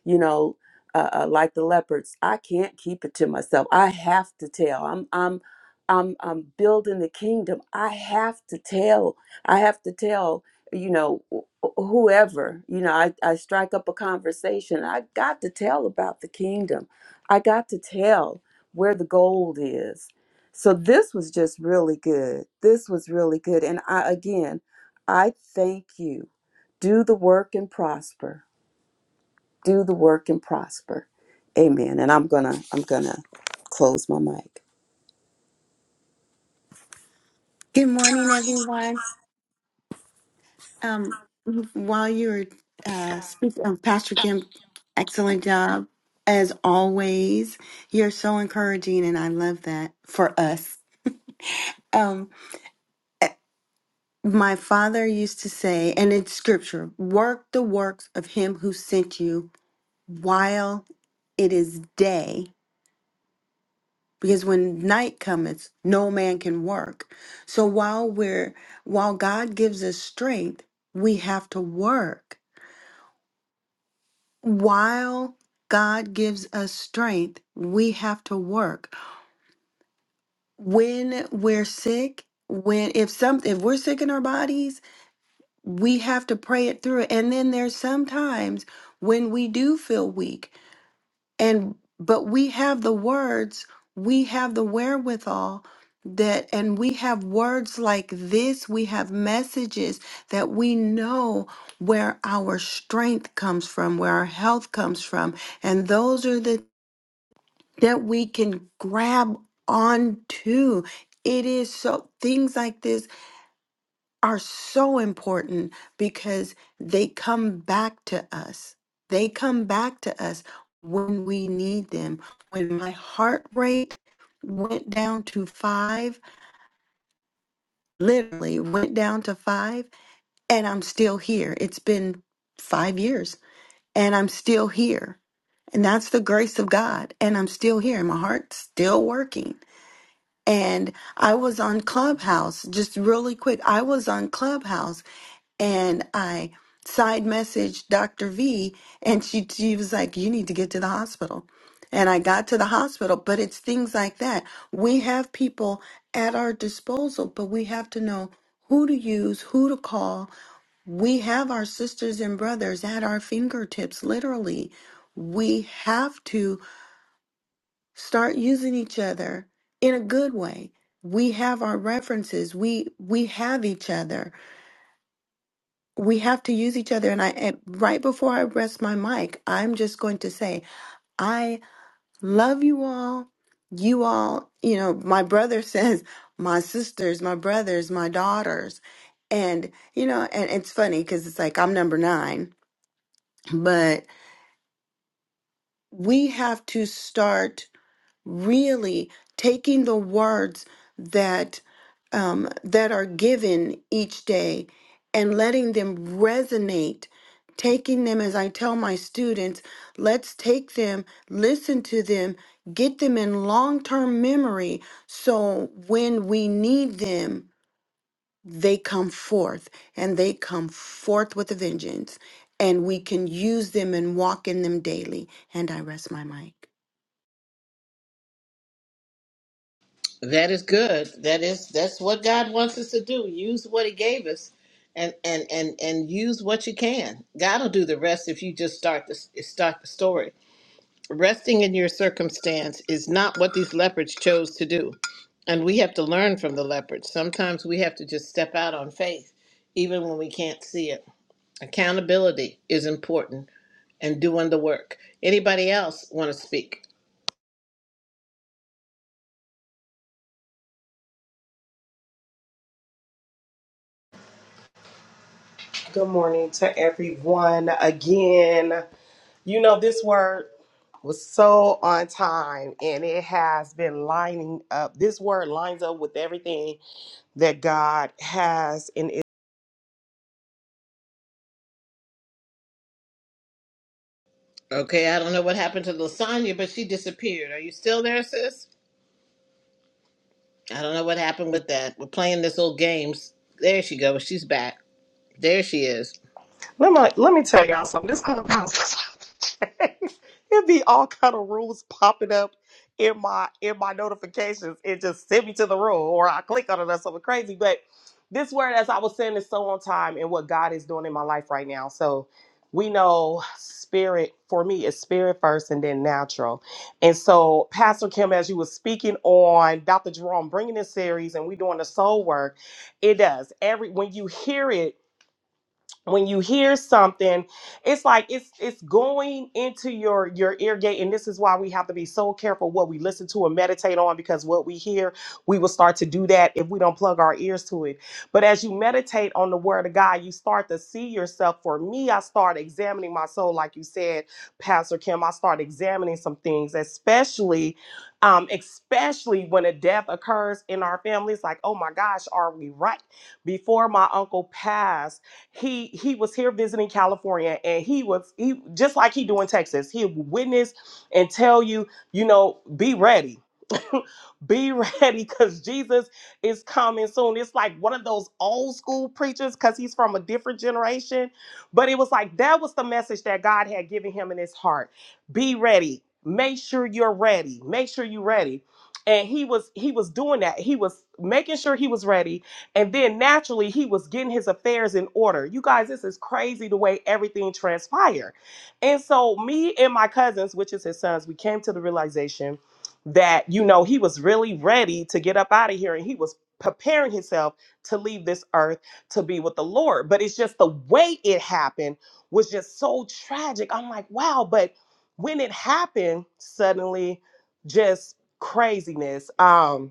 Speaker 4: You know, uh, uh, like the leopards, I can't keep it to myself. I have to tell. I'm, I'm, I'm, I'm building the kingdom. I have to tell. I have to tell. You know, wh- whoever. You know, I, I strike up a conversation. I got to tell about the kingdom. I got to tell where the gold is. So this was just really good. This was really good. And I again, I thank you. Do the work and prosper. Do the work and prosper. Amen. And I'm gonna I'm gonna close my mic.
Speaker 5: Good morning, everyone. Um, while you were uh, speaking, um, Pastor Kim, excellent job as always. You're so encouraging, and I love that for us. Um, eh, my father used to say, and it's scripture: "Work the works of him who sent you while it is day, because when night cometh, no man can work." So while we're while God gives us strength, we have to work while God gives us strength, we have to work. When we're sick, when if something if we're sick in our bodies, we have to pray it through. And then there's sometimes when we do feel weak and but we have the words, we have the wherewithal that and we have words like this, we have messages that we know where our strength comes from, where our health comes from. And those are the that we can grab onto. It is so, things like this are so important because they come back to us. They come back to us when we need them. When my heart rate went down to five, literally went down to five, and I'm still here. It's been five years and I'm still here. And that's the grace of God. And I'm still here. My heart's still working and I was on Clubhouse just really quick. I was on Clubhouse and I side messaged Dr. V and she she was like you need to get to the hospital. And I got to the hospital, but it's things like that. We have people at our disposal, but we have to know who to use, who to call. We have our sisters and brothers at our fingertips literally. We have to start using each other in a good way we have our references we we have each other we have to use each other and i and right before i rest my mic i'm just going to say i love you all you all you know my brother [LAUGHS] says my sisters my brothers my daughters and you know and it's funny because it's like i'm number nine but we have to start really taking the words that um, that are given each day and letting them resonate taking them as i tell my students let's take them listen to them get them in long-term memory so when we need them they come forth and they come forth with a vengeance and we can use them and walk in them daily and i rest my mic
Speaker 1: That is good. That is that's what God wants us to do. Use what He gave us, and and and and use what you can. God will do the rest if you just start the start the story. Resting in your circumstance is not what these leopards chose to do, and we have to learn from the leopards. Sometimes we have to just step out on faith, even when we can't see it. Accountability is important, and doing the work. Anybody else want to speak?
Speaker 2: Good morning to everyone again. You know, this word was so on time and it has been lining up. This word lines up with everything that God has and
Speaker 1: Okay, I don't know what happened to Lasagna, but she disappeared. Are you still there, sis? I don't know what happened with that. We're playing this little games. There she goes. She's back. There she is.
Speaker 2: Let me let me tell y'all something. This clubhouse is about to change. it be all kind of rules popping up in my in my notifications. It just send me to the room or I click on it or something crazy. But this word, as I was saying, is so on time and what God is doing in my life right now. So we know spirit for me is spirit first and then natural. And so Pastor Kim, as you were speaking on Dr. Jerome bringing this series and we doing the soul work, it does. Every when you hear it when you hear something it's like it's it's going into your your ear gate and this is why we have to be so careful what we listen to and meditate on because what we hear we will start to do that if we don't plug our ears to it but as you meditate on the word of god you start to see yourself for me i start examining my soul like you said pastor kim i start examining some things especially um especially when a death occurs in our families like oh my gosh are we right before my uncle passed he he was here visiting California, and he was he just like he do in Texas. He will witness and tell you, you know, be ready. [LAUGHS] be ready because Jesus is coming soon. It's like one of those old school preachers because he's from a different generation. But it was like that was the message that God had given him in his heart. Be ready. Make sure you're ready. Make sure you're ready. And he was he was doing that. He was making sure he was ready and then naturally, he was getting his affairs in order. You guys, this is crazy the way everything transpired. And so, me and my cousins, which is his sons, we came to the realization that, you know, he was really ready to get up out of here and he was preparing himself to leave this earth to be with the Lord. But it's just the way it happened was just so tragic. I'm like, wow, but when it happened, suddenly just craziness. Um,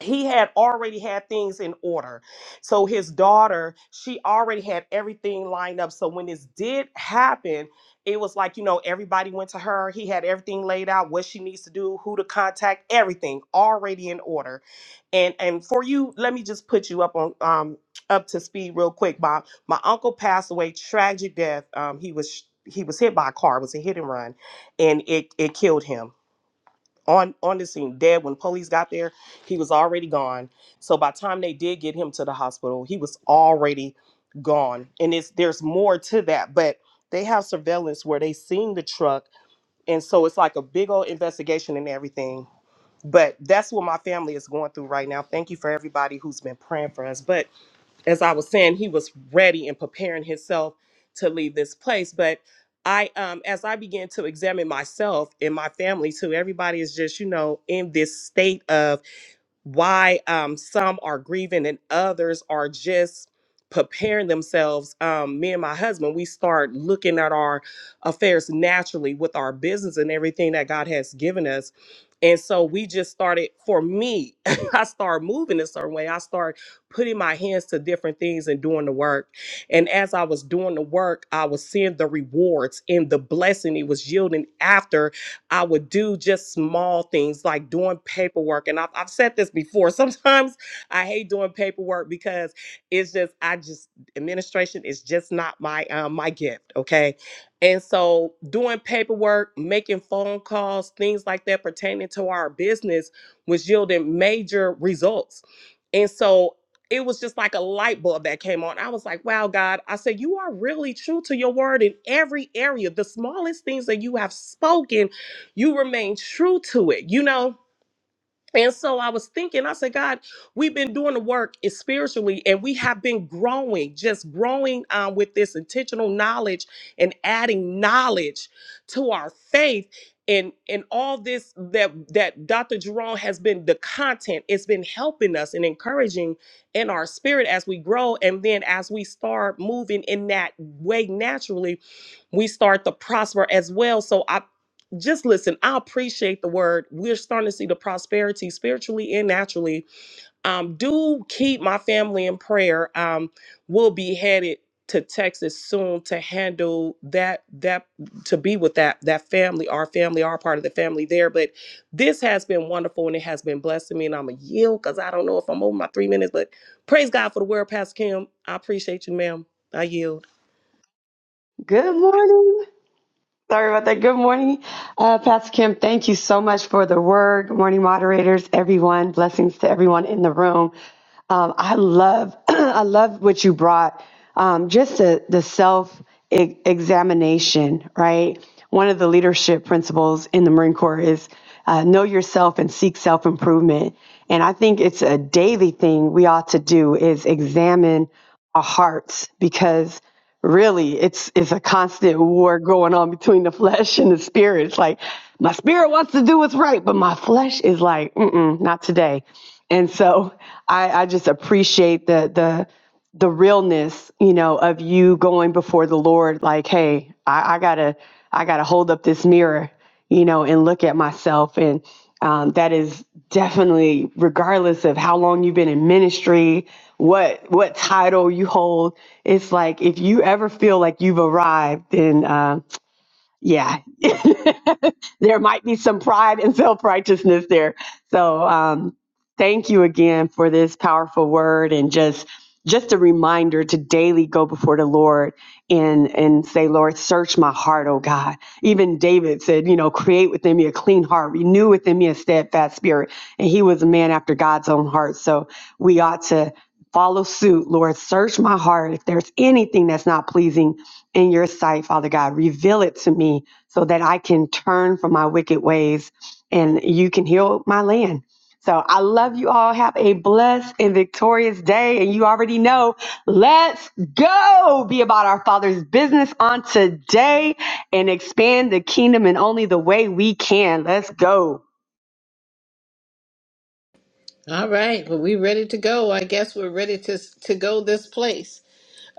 Speaker 2: he had already had things in order. So his daughter, she already had everything lined up. So when this did happen, it was like, you know, everybody went to her. He had everything laid out, what she needs to do, who to contact, everything already in order. And and for you, let me just put you up on um up to speed real quick, Bob. My uncle passed away, tragic death. Um he was he was hit by a car, it was a hit and run, and it it killed him on on the scene dead when police got there he was already gone so by the time they did get him to the hospital he was already gone and it's there's more to that but they have surveillance where they seen the truck and so it's like a big old investigation and everything but that's what my family is going through right now thank you for everybody who's been praying for us but as I was saying, he was ready and preparing himself to leave this place. But I, um, as I began to examine myself and my family too, everybody is just, you know, in this state of why um, some are grieving and others are just preparing themselves. Um, me and my husband, we start looking at our affairs naturally with our business and everything that God has given us. And so we just started, for me, [LAUGHS] I started moving a certain way. I started putting my hands to different things and doing the work. And as I was doing the work, I was seeing the rewards and the blessing it was yielding after I would do just small things like doing paperwork. And I've, I've said this before. [LAUGHS] Sometimes I hate doing paperwork because it's just, I just, administration is just not my, um, my gift. Okay. And so doing paperwork, making phone calls, things like that pertaining to our business was yielding major results. And so it was just like a light bulb that came on. I was like, wow, God, I said, you are really true to your word in every area. The smallest things that you have spoken you remain true to it, you know? And so I was thinking, I said, God, we've been doing the work is spiritually, and we have been growing, just growing um, with this intentional knowledge and adding knowledge to our faith. And and all this that that Dr. Jerome has been the content, it's been helping us and encouraging in our spirit as we grow. And then as we start moving in that way naturally, we start to prosper as well. So I just listen, I appreciate the word. We're starting to see the prosperity spiritually and naturally. Um, do keep my family in prayer. Um, we'll be headed to Texas soon to handle that that to be with that that family, our family, our part of the family there. But this has been wonderful and it has been blessing me. And I'm a yield because I don't know if I'm over my three minutes, but praise God for the word, Pastor Kim. I appreciate you, ma'am. I yield.
Speaker 6: Good morning. Sorry about that. Good morning, uh, Pastor Kim. Thank you so much for the word. Good morning, moderators, everyone. Blessings to everyone in the room. Um, I love, [CLEARS THROAT] I love what you brought. Um, just the the self e- examination, right? One of the leadership principles in the Marine Corps is uh, know yourself and seek self improvement. And I think it's a daily thing we ought to do is examine our hearts because really it's it's a constant war going on between the flesh and the spirit. It's like my spirit wants to do what's right, but my flesh is like, mm-mm, not today. And so I, I just appreciate the the the realness, you know, of you going before the Lord, like, hey, I, I gotta I gotta hold up this mirror you know, and look at myself. And um, that is definitely, regardless of how long you've been in ministry, what what title you hold, it's like if you ever feel like you've arrived, then uh, yeah, there might be some pride and self righteousness there. So um, thank you again for this powerful word and just just a reminder to daily go before the Lord and and say, Lord, search my heart, oh God. Even David said, you know, create within me a clean heart, renew within me a steadfast spirit. And he was a man after God's own heart. So we ought to follow suit, Lord. Search my heart. If there's anything that's not pleasing in your sight, Father God, reveal it to me so that I can turn from my wicked ways and you can heal my land. So I love you all. Have a blessed and victorious day. And you already know, let's go be about our Father's business on today and expand the kingdom in only the way we can. Let's go.
Speaker 1: All right. Well, we ready to go. I guess we're ready to to go this place.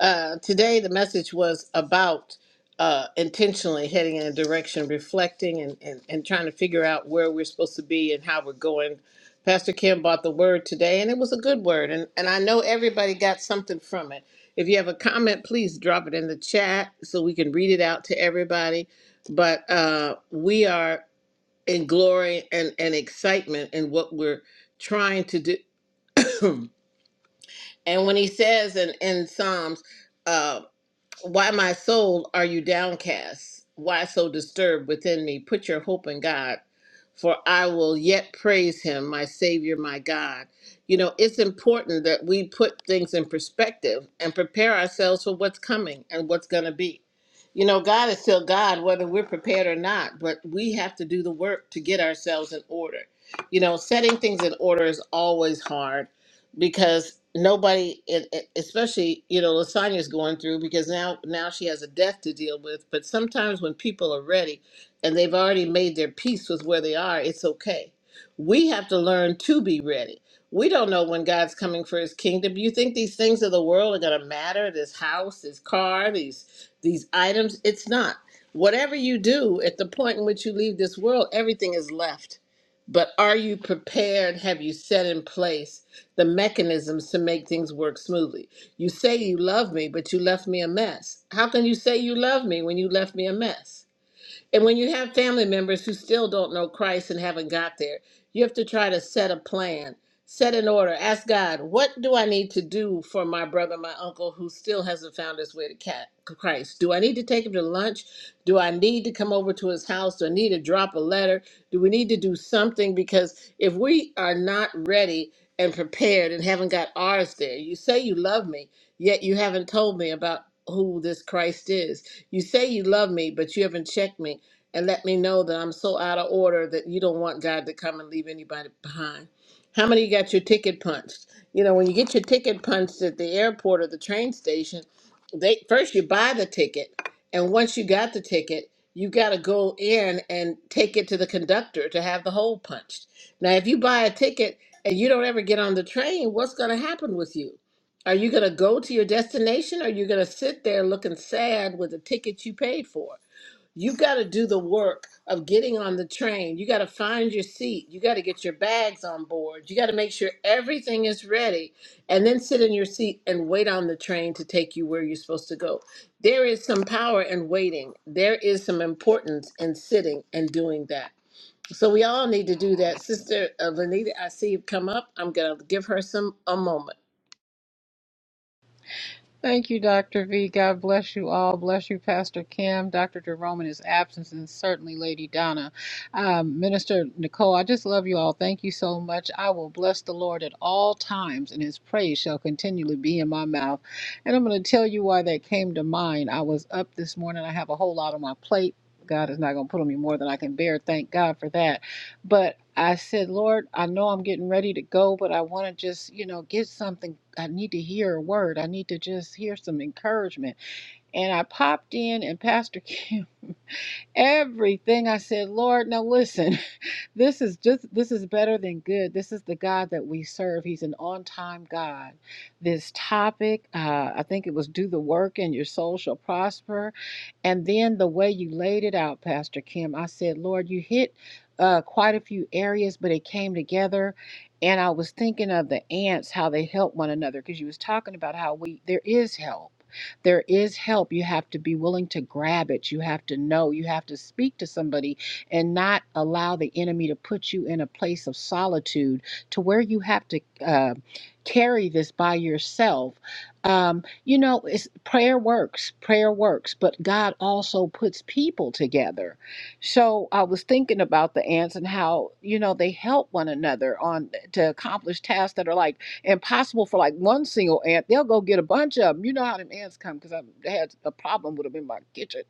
Speaker 1: Uh, today, the message was about uh, intentionally heading in a direction, reflecting, and, and, and trying to figure out where we're supposed to be and how we're going. Pastor Kim bought the word today, and it was a good word. And, and I know everybody got something from it. If you have a comment, please drop it in the chat so we can read it out to everybody. But uh, we are in glory and, and excitement in what we're trying to do. [CLEARS THROAT] and when he says in, in Psalms, uh, why, my soul, are you downcast? Why so disturbed within me? Put your hope in God, for I will yet praise him, my Savior, my God. You know, it's important that we put things in perspective and prepare ourselves for what's coming and what's going to be. You know, God is still God, whether we're prepared or not, but we have to do the work to get ourselves in order. You know, setting things in order is always hard because nobody, and- and especially you know, Lasagna's going through because now now she has a death to deal with. But sometimes when people are ready and they've already made their peace with where they are, it's okay. We have to learn to be ready. We don't know when God's coming for His kingdom. You think these things of the world are going to matter? This house, this car, these these items? It's not. Whatever you do, at the point in which you leave this world, everything is left. But are you prepared? Have you set in place? the mechanisms to make things work smoothly. You say you love me, but you left me a mess. How can you say you love me when you left me a mess? And when you have family members who still don't know Christ and haven't got there, you have to try to set a plan, set an order, ask God, what do I need to do for my brother, my uncle, who still hasn't found his way to cat, Christ? Do I need to take him to lunch? Do I need to come over to his house? Do I need to drop a letter? Do we need to do something? Because if we are not ready and prepared and haven't got ours there, you say you love me, yet you haven't told me about who this Christ is. You say you love me, but you haven't checked me and let me know that I'm so out of order that you don't want God to come and leave anybody behind. How many got your ticket punched? You know, when you get your ticket punched at the airport or the train station, they first you buy the ticket, and once you got the ticket, you got to go in and take it to the conductor to have the hole punched. Now, if you buy a ticket and you don't ever get on the train, what's going to happen with you? Are you going to go to your destination? Or are you going to sit there looking sad with the ticket you paid for? You got to do the work of getting on the train. You got to find your seat. You got to get your bags on board. You got to make sure everything is ready and then sit in your seat and wait on the train to take you where you're supposed to go. There is some power in waiting, there is some importance in sitting and doing that. So we all need to do that. Sister uh, Lanita, I see you come up. I'm going to give her some a moment.
Speaker 7: Thank you, Dr. V. God bless you all. Bless you, Pastor Kim, Dr. Jerome in his absence, and certainly Lady Donna. Um, Minister Nicole, I just love you all. Thank you so much. I will bless the Lord at all times, and his praise shall continually be in my mouth. And I'm going to tell you why that came to mind. I was up this morning, I have a whole lot on my plate. God is not going to put on me more than I can bear. Thank God for that but I said, Lord, I know I'm getting ready to go, but I want to just, you know, get something. I need to hear a word. I need to just hear some encouragement. And I popped in, and Pastor Kim, [LAUGHS] everything I said, Lord, now listen. This is just this is better than good. This is the God that we serve. He's an on-time God. This topic, uh, I think it was do the work and your soul shall prosper. And then the way you laid it out, Pastor Kim, I said, Lord, you hit uh, quite a few areas, but it came together. And I was thinking of the ants, how they help one another, because you was talking about how we there is help. There is help. You have to be willing to grab it. You have to know. You have to speak to somebody and not allow the enemy to put you in a place of solitude to where you have to uh, carry this by yourself. Um, you know, it's, prayer works, prayer works, but God also puts people together. So I was thinking about the ants and how, you know, they help one another on to accomplish tasks that are like impossible for like one single ant. They'll go get a bunch of them. You know how them ants come because I had a problem with them in my kitchen.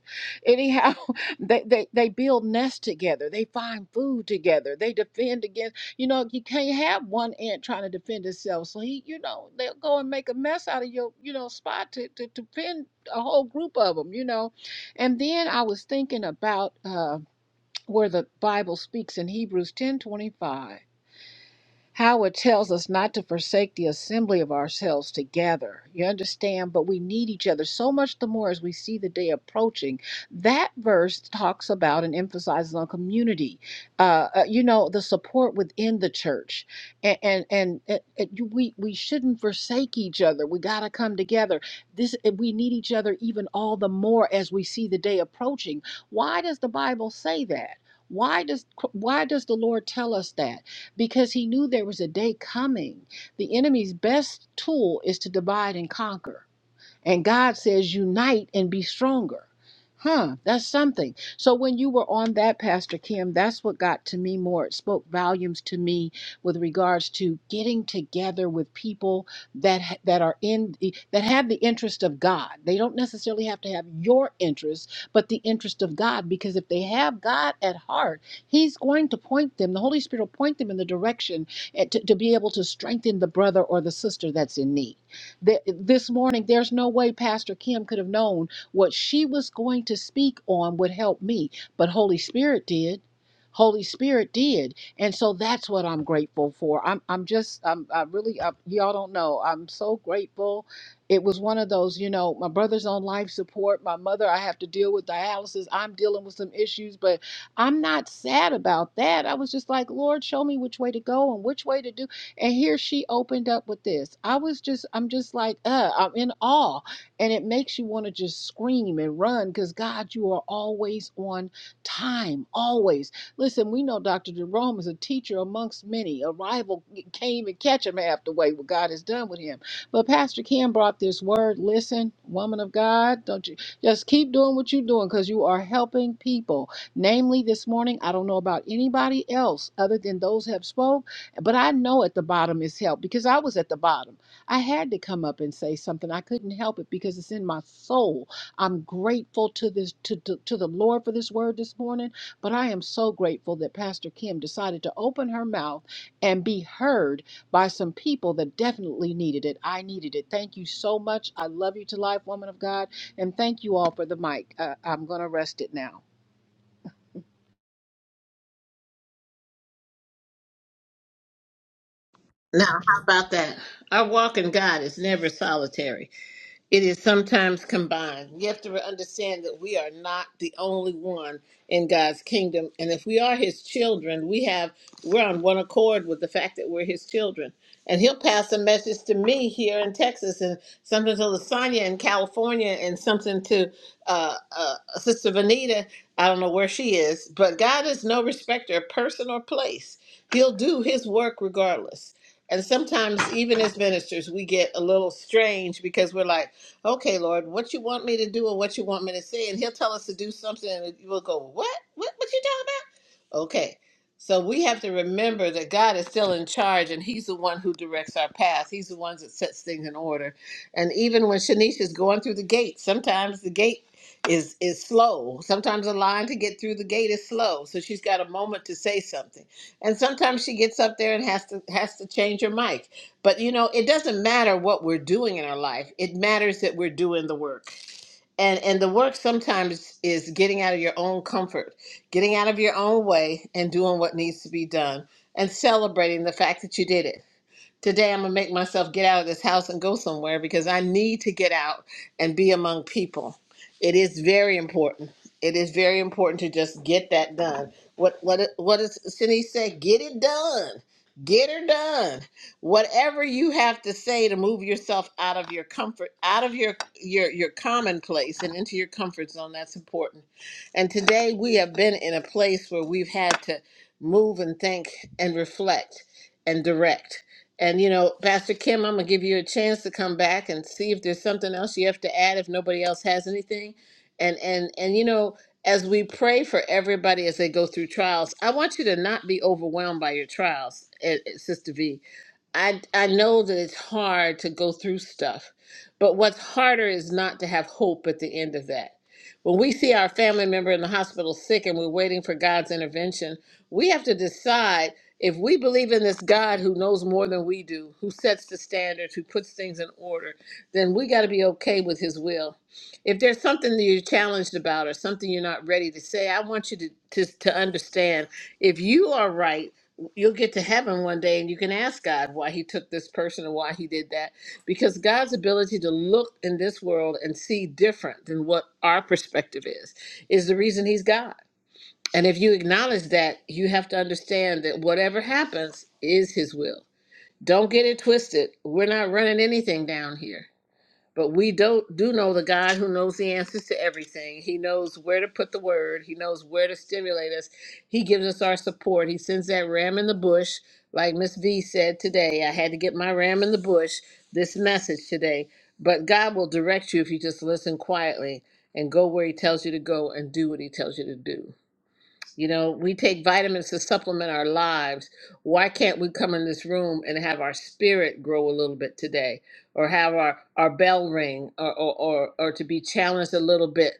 Speaker 7: Anyhow, [LAUGHS] They, they they build nests together. They find food together. They defend against. You know you can't have one ant trying to defend itself. So he, you know, they'll go and make a mess out of your, you know, spot to to, to defend a whole group of them. You know, and then I was thinking about uh, where the Bible speaks in Hebrews ten twenty five how it tells us not to forsake the assembly of ourselves together. You understand? But we need each other so much the more as we see the day approaching. That verse talks about and emphasizes on community, uh, uh, you know, the support within the church. And, and, and it, it, you- we, we shouldn't forsake each other. We got to come together. This eh, We need each other even all the more as we see the day approaching. Why does the Bible say that? Why does why does the Lord tell us that? because he knew there was a day coming. The enemy's best tool is to divide and conquer. And God says, unite and be stronger. Huh, that's something. So when you were on that, Pastor Kim, that's what got to me more. It spoke volumes to me with regards to getting together with people that ha- that are in that have the interest of God. They don't necessarily have to have your interest, but the interest of God. Because if they have God at heart, He's going to point them. The Holy Spirit will point them in the direction eh, to, to be able to strengthen the brother or the sister that's in need. That this morning, there's no way Pastor Kim could have known what she was going to speak on would help me, but Holy Spirit did. Holy Spirit did, and so that's what I'm grateful for. I'm I'm just I'm I really I, y'all don't know. I'm so grateful. It was one of those, you know, my brother's on life support. My mother, I have to deal with dialysis. I'm dealing with some issues, but I'm not sad about that. I was just like, Lord, show me which way to go and which way to do and here she opened up with this. I was just, I'm just like, uh, I'm in awe. And it makes you want to just scream and run because God, you are always on time, always. Listen, we know Dr. Jerome is a teacher amongst many. A rival came and catch him half the way what God has done with him. But Pastor Kim brought this word. Listen, woman of God, don't you just keep doing what you're doing because you are helping people. Namely, this morning, I don't know about anybody else other than those who have spoke but I know at the bottom is help because I was at the bottom. I had to come up and say something. I couldn't help it because it's in my soul. I'm grateful to this to, to, to the Lord for this word this morning, but I am so grateful that Pastor Kim decided to open her mouth and be heard by some people that definitely needed it. I needed it. Thank you so much. I love you to life, woman of God, and thank you all for the mic. Uh, I'm going to rest it now.
Speaker 1: Now, how about that? Our walk in God is never solitary. It is sometimes combined. You have to understand that we are not the only one in God's kingdom. And if we are his children, we have we're on one accord with the fact that we're his children. And he'll pass a message to me here in Texas and something to Lasagna in California and something to uh, uh, Sister Vanita. I don't know where she is, but God is no respecter of person or place. He'll do his work regardless. And sometimes, even as ministers, we get a little strange because we're like, okay, Lord, what you want me to do or what you want me to say, and He'll tell us to do something, and we'll go, what? What? What you talking about? Okay, so we have to remember that God is still in charge, and He's the one who directs our path. He's the one that sets things in order. And even when Shanice is going through the gate, sometimes the gate is is slow. Sometimes the line to get through the gate is slow, so she's got a moment to say something. And sometimes she gets up there and has to has to change her mic but you know, it doesn't matter what we're doing in our life. It matters that we're doing the work. And and the work sometimes is getting out of your own comfort, getting out of your own way and doing what needs to be done and celebrating the fact that you did it. Today I'm going to make myself get out of this house and go somewhere because I need to get out and be among people. It is very important. It is very important to just get that done. What what what does Cindy say? Get it done. Get her done. Whatever you have to say to move yourself out of your comfort, out of your your your commonplace and into your comfort zone, that's important. And today we have been in a place where we've had to move and think and reflect and direct. And you know, Pastor Kim, I'm gonna give you a chance to come back and see if there's something else you have to add. If nobody else has anything, and and and you know, as we pray for everybody as they go through trials, I want you to not be overwhelmed by your trials, eh, eh, Sister V I I know that it's hard to go through stuff, but what's harder is not to have hope at the end of that. When we see our family member in the hospital sick and we're waiting for God's intervention, we have to decide if we believe in this God who knows more than we do, who sets the standards, who puts things in order, then we got to be okay with his will. If there's something that you're challenged about or something you're not ready to say, I want you to, to, to understand if you are right you'll get to heaven one day and you can ask God why he took this person and why he did that because God's ability to look in this world and see different than what our perspective is is the reason he's God. And if you acknowledge that, you have to understand that whatever happens is his will. Don't get it twisted. We're not running anything down here. But we do not do know the God who knows the answers to everything. He knows where to put the word. He knows where to stimulate us. He gives us our support. He sends that ram in the bush, like Miss V said today. I had to get my ram in the bush. This message today, but God will direct you if you just listen quietly and go where He tells you to go and do what He tells you to do. You know, we take vitamins to supplement our lives. Why can't we come in this room and have our spirit grow a little bit today or have our, our bell ring or, or, or, or to be challenged a little bit?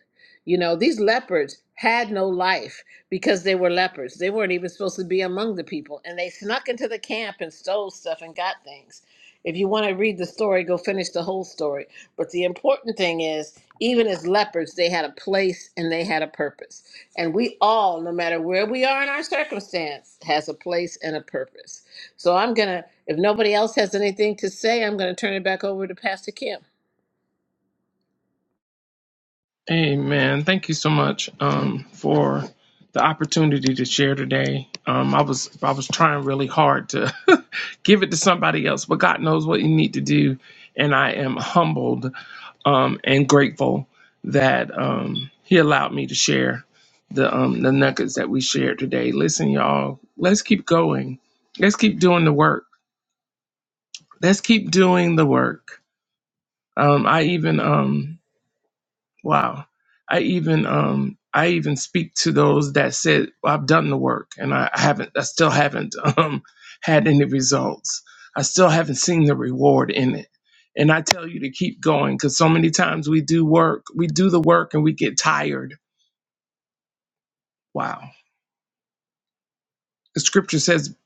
Speaker 1: You know, these leopards had no life because they were leopards. They weren't even supposed to be among the people and they snuck into the camp and stole stuff and got things. If you want to read the story, go finish the whole story. But the important thing is, even as leopards, they had a place and they had a purpose. And we all, no matter where we are in our circumstance, has a place and a purpose. So I'm going to, if nobody else has anything to say, I'm going to turn it back over to Pastor Kim.
Speaker 3: Amen. Thank you so much um, for the opportunity to share today. Um, I was I was trying really hard to [LAUGHS] give it to somebody else, but God knows what you need to do, and I am humbled um, and grateful that um, He allowed me to share the um, the nuggets that we shared today. Listen, y'all, let's keep going. Let's keep doing the work. Let's keep doing the work. Um, I even um, Wow. I even um I even speak to those that said well, I've done the work and I I haven't I still haven't [LAUGHS] um had any results. I still haven't seen the reward in it. And I tell you to keep going because so many times we do work, we do the work and we get tired. Wow. The scripture says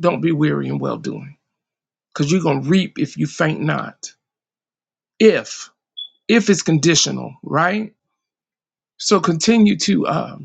Speaker 3: don't be weary in well doing because you're gonna reap if you faint not. If if it's conditional, right? So continue to um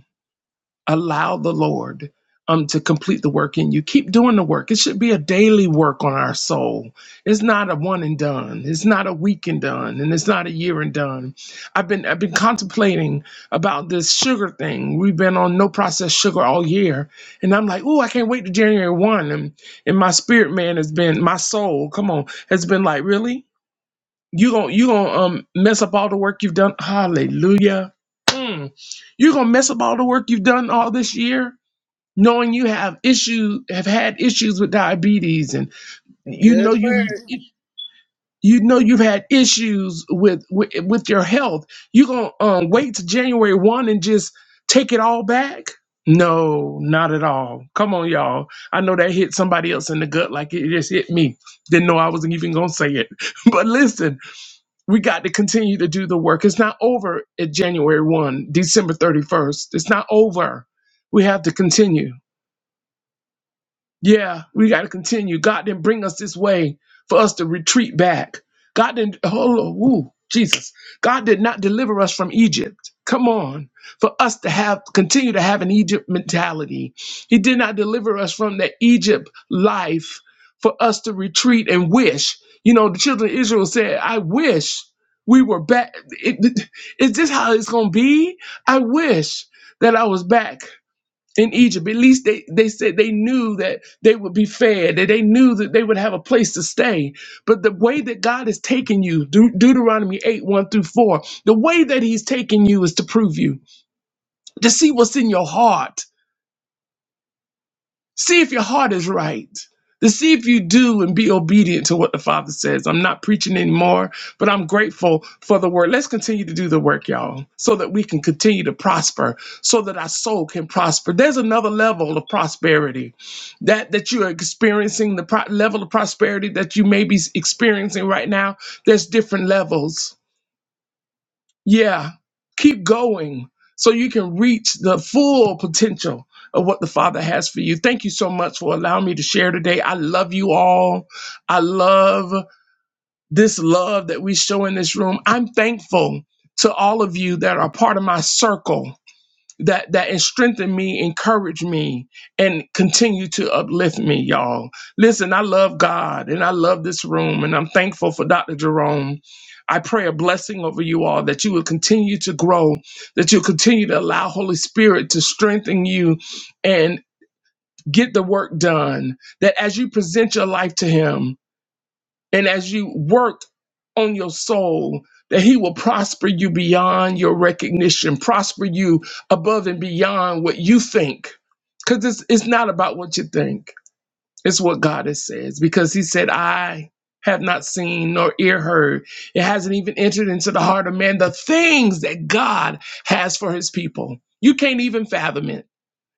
Speaker 3: allow the Lord um to complete the work in you. Keep doing the work. It should be a daily work on our soul. It's not a one and done. It's not a week and done, and it's not a year and done. I've been I've been contemplating about this sugar thing. We've been on no processed sugar all year, and I'm like, oh, I can't wait to January one. And and my spirit man has been my soul. Come on, has been like, really? You gon' you gonna um mess up all the work you've done. Hallelujah. Mm. You're gonna mess up all the work you've done all this year, knowing you have issue have had issues with diabetes, and you know
Speaker 1: Good word.
Speaker 3: you you know you've had issues with with, with your health. You gonna um, wait to January one and just take it all back? No, not at all. Come on, y'all. I know that hit somebody else in the gut like it just hit me. Didn't know I wasn't even gonna say it. [LAUGHS] But listen we got to continue to do the work. It's not over at January 1, December 31st. It's not over. We have to continue. Yeah, we got to continue. God didn't bring us this way for us to retreat back. God didn't, Oh, woo, Jesus. God did not deliver us from Egypt. Come on, for us to have continue to have an Egypt mentality. He did not deliver us from the Egypt life for us to retreat and wish. You know, the children of Israel said, I wish we were back. It- it- Is this how it's going to be? I wish that I was back in Egypt. At least they, they said they knew that they would be fed, that they knew that they would have a place to stay. But the way that God has taken you, Deut- Deuteronomy 8 1 through 4, the way that He's taken you is to prove you, to see what's in your heart See if your heart is right. To see if you do and be obedient to what the Father says. I'm not preaching anymore, but I'm grateful for the word. Let's continue to do the work, y'all, so that we can continue to prosper, so that our soul can prosper. There's another level of prosperity that that you are experiencing. The pro- level of prosperity that you may be experiencing right now. There's different levels. Yeah, keep going so you can reach the full potential of what the Father has for you. Thank you so much for allowing me to share today. I love you all. I love this love that we show in this room. I'm thankful to all of you that are part of my circle that that strengthen me, encourage me, and continue to uplift me, y'all. Listen, I love God and I love this room, and I'm thankful for Dr. Jerome. I pray a blessing over you all that you will continue to grow, that you'll continue to allow Holy Spirit to strengthen you and get the work done. That as you present your life to Him, and as you work on your soul, that He will prosper you beyond your recognition, prosper you above and beyond what you think. Because it's, it's not about what you think, it's what God has says. Because He said, I have not seen nor ear heard. It hasn't even entered into the heart of man the things that God has for His people. You can't even fathom it.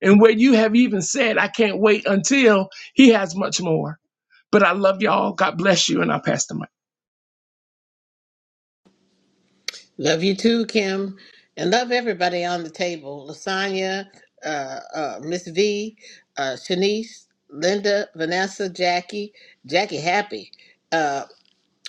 Speaker 3: And where you have even said, I can't wait until He has much more. But I love y'all. God bless you. And I pass the mic.
Speaker 1: Love you too, Kim. And love everybody on the table Lasagna, uh, uh, Miss V, uh, Shanice, Linda, Vanessa, Jackie, Jackie Happy. uh,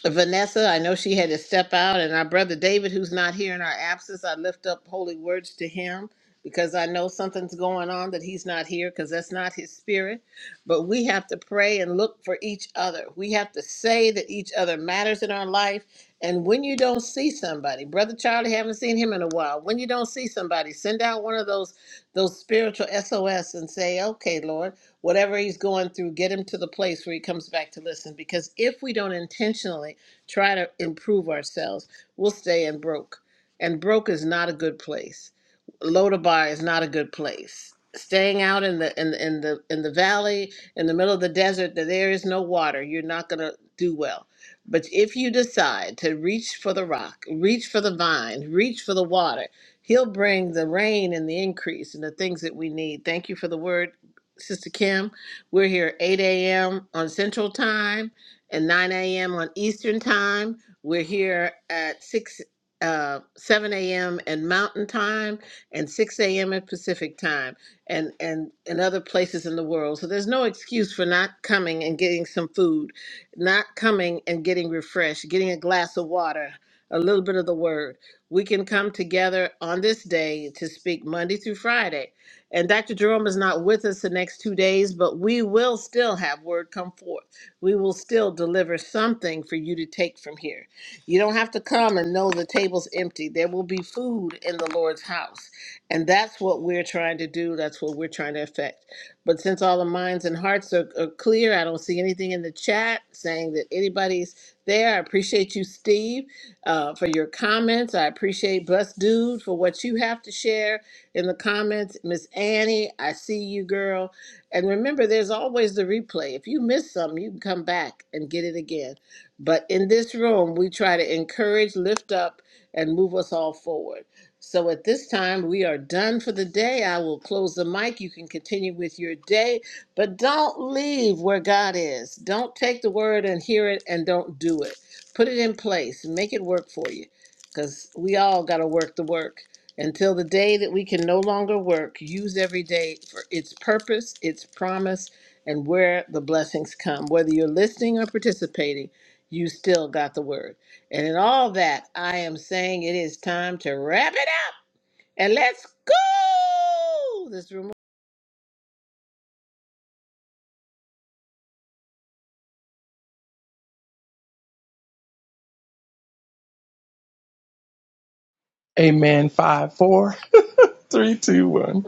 Speaker 1: Vanessa, I know she had to step out, and our brother David, who's not here in our absence, I lift up holy words to him because I know something's going on that he's not here because that's not his spirit. But we have to pray and look for each other. We have to say that each other matters in our life. And when you don't see somebody, brother Charlie, haven't seen him in a while. When you don't see somebody, send out one of those those spiritual SOS and say, "Okay, Lord." whatever he's going through, get him to the place where he comes back to listen. Because if we don't intentionally try to improve ourselves, we'll stay in broke. And broke is not a good place. Low to bar is not a good place. Staying out in the in, in the in the valley, in the middle of the desert, that there is no water, you're not gonna do well. But if you decide to reach for the rock, reach for the vine, reach for the water, He'll bring the rain and the increase and the things that we need. Thank you for the word Sister Kim. We're here 8 a.m. on Central Time and 9 a.m. on Eastern Time. We're here at 6, uh, 7 a.m. and Mountain Time and 6 a.m. at Pacific Time and, and, and other places in the world. So there's no excuse for not coming and getting some food, not coming and getting refreshed, getting a glass of water, a little bit of the word. We can come together on this day to speak Monday through Friday and Dr. Jerome is not with us the next two days, but we will still have word come forth. We will still deliver something for you to take from here. You don't have to come and know the table's empty. There will be food in the Lord's house. And that's what we're trying to do. That's what we're trying to affect. But since all the minds and hearts are, are clear, I don't see anything in the chat saying that anybody's there. I appreciate you, Steve, uh, for your comments. I appreciate Blessed Dude for what you have to share in the comments. Miss Annie, I see you, girl. And remember, there's always the replay. If you miss something, you can come back and get it again. But in this room, we try to encourage, lift up, and move us all forward. So at this time, we are done for the day. I will close the mic. You can continue with your day, but don't leave where God is. Don't take the word and hear it and don't do it. Put it in place, make it work for you because we all got to work the work until the day that we can no longer work, use every day for its purpose, its promise, and where the blessings come. Whether you're listening or participating, you still got the word. And in all that, I am saying it is time to wrap it up and let's go. This room.
Speaker 3: Amen. Five, four, [LAUGHS] three, two, one.